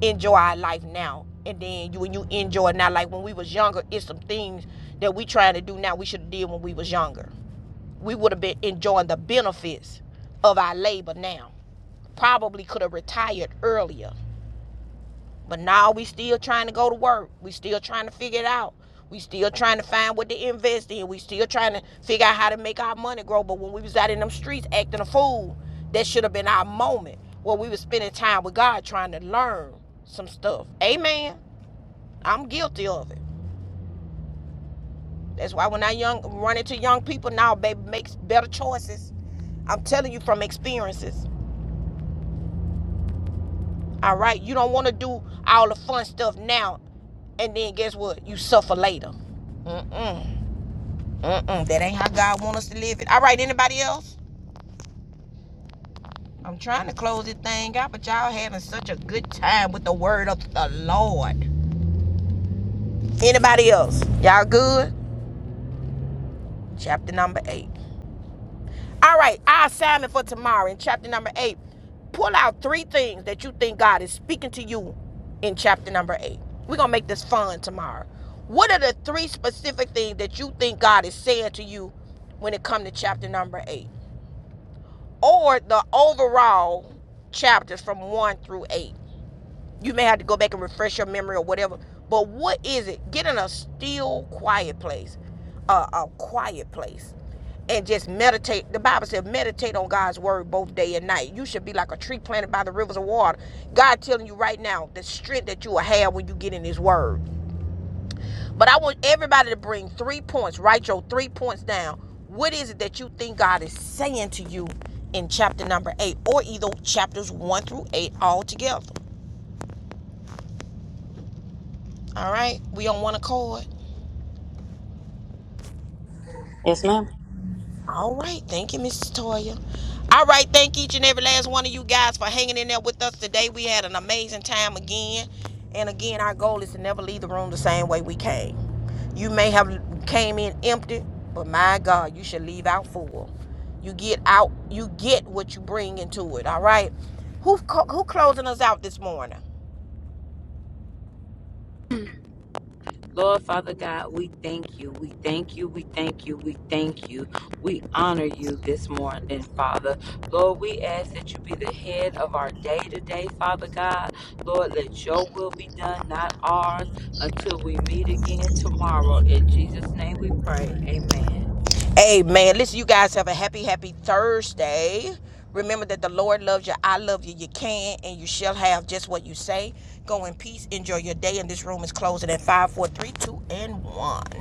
[SPEAKER 1] enjoy our life now, and then you when you enjoy it now, like when we was younger, it's some things that we trying to do now we should have did when we was younger. We would have been enjoying the benefits of our labor now. Probably could have retired earlier But now we still trying to go to work. We still trying to figure it out. We still trying to find what to invest in. We still trying to figure out how to make our money grow. But when we was out in them streets acting a fool, that should have been our moment where we was spending time with God trying to learn some stuff. Amen. I'm guilty of it. That's why when I young run into young people now, baby, makes better choices. I'm telling you from experiences. All right. You don't want to do all the fun stuff now, and then guess what? You suffer later. Mm-mm. Mm-mm. That ain't how God wants us to live it. All right. Anybody else? I'm trying to close this thing out, but y'all having such a good time with the word of the Lord. Anybody else? Y'all good? Chapter number eight. All right, our assignment for tomorrow in chapter number eight. Pull out three things that you think God is speaking to you in chapter number eight. We're gonna make this fun tomorrow. What are the three specific things that you think God is saying to you when it comes to chapter number eight? Or the overall chapters from one through eight you may have to go back and refresh your memory or whatever. But what is it? Get in a still, quiet place, uh, a quiet place, and just meditate. The Bible says, meditate on God's word both day and night. You should be like a tree planted by the rivers of water. God telling you right now the strength that you will have when you get in His word. But I want everybody to bring three points. Write your three points down. What is it that you think God is saying to you in chapter number eight, or either chapters one through eight all together? All right, we on one accord.
[SPEAKER 5] Yes, ma'am.
[SPEAKER 1] All right. Thank you, Mrs. Toya. All right. Thank each and every last one of you guys for hanging in there with us today. We had an amazing time again. And again, our goal is to never leave the room the same way we came. You may have came in empty, but my God, you should leave out full. You get out, you get what you bring into it. All right. Who who closing us out this morning? Amen. Listen, you guys have a happy, happy Thursday. Remember that the Lord loves you. I love you. You can and you shall have just what you say. Go in peace. Enjoy your day. And this room is closing at 5, 4, 3, 2, and 1.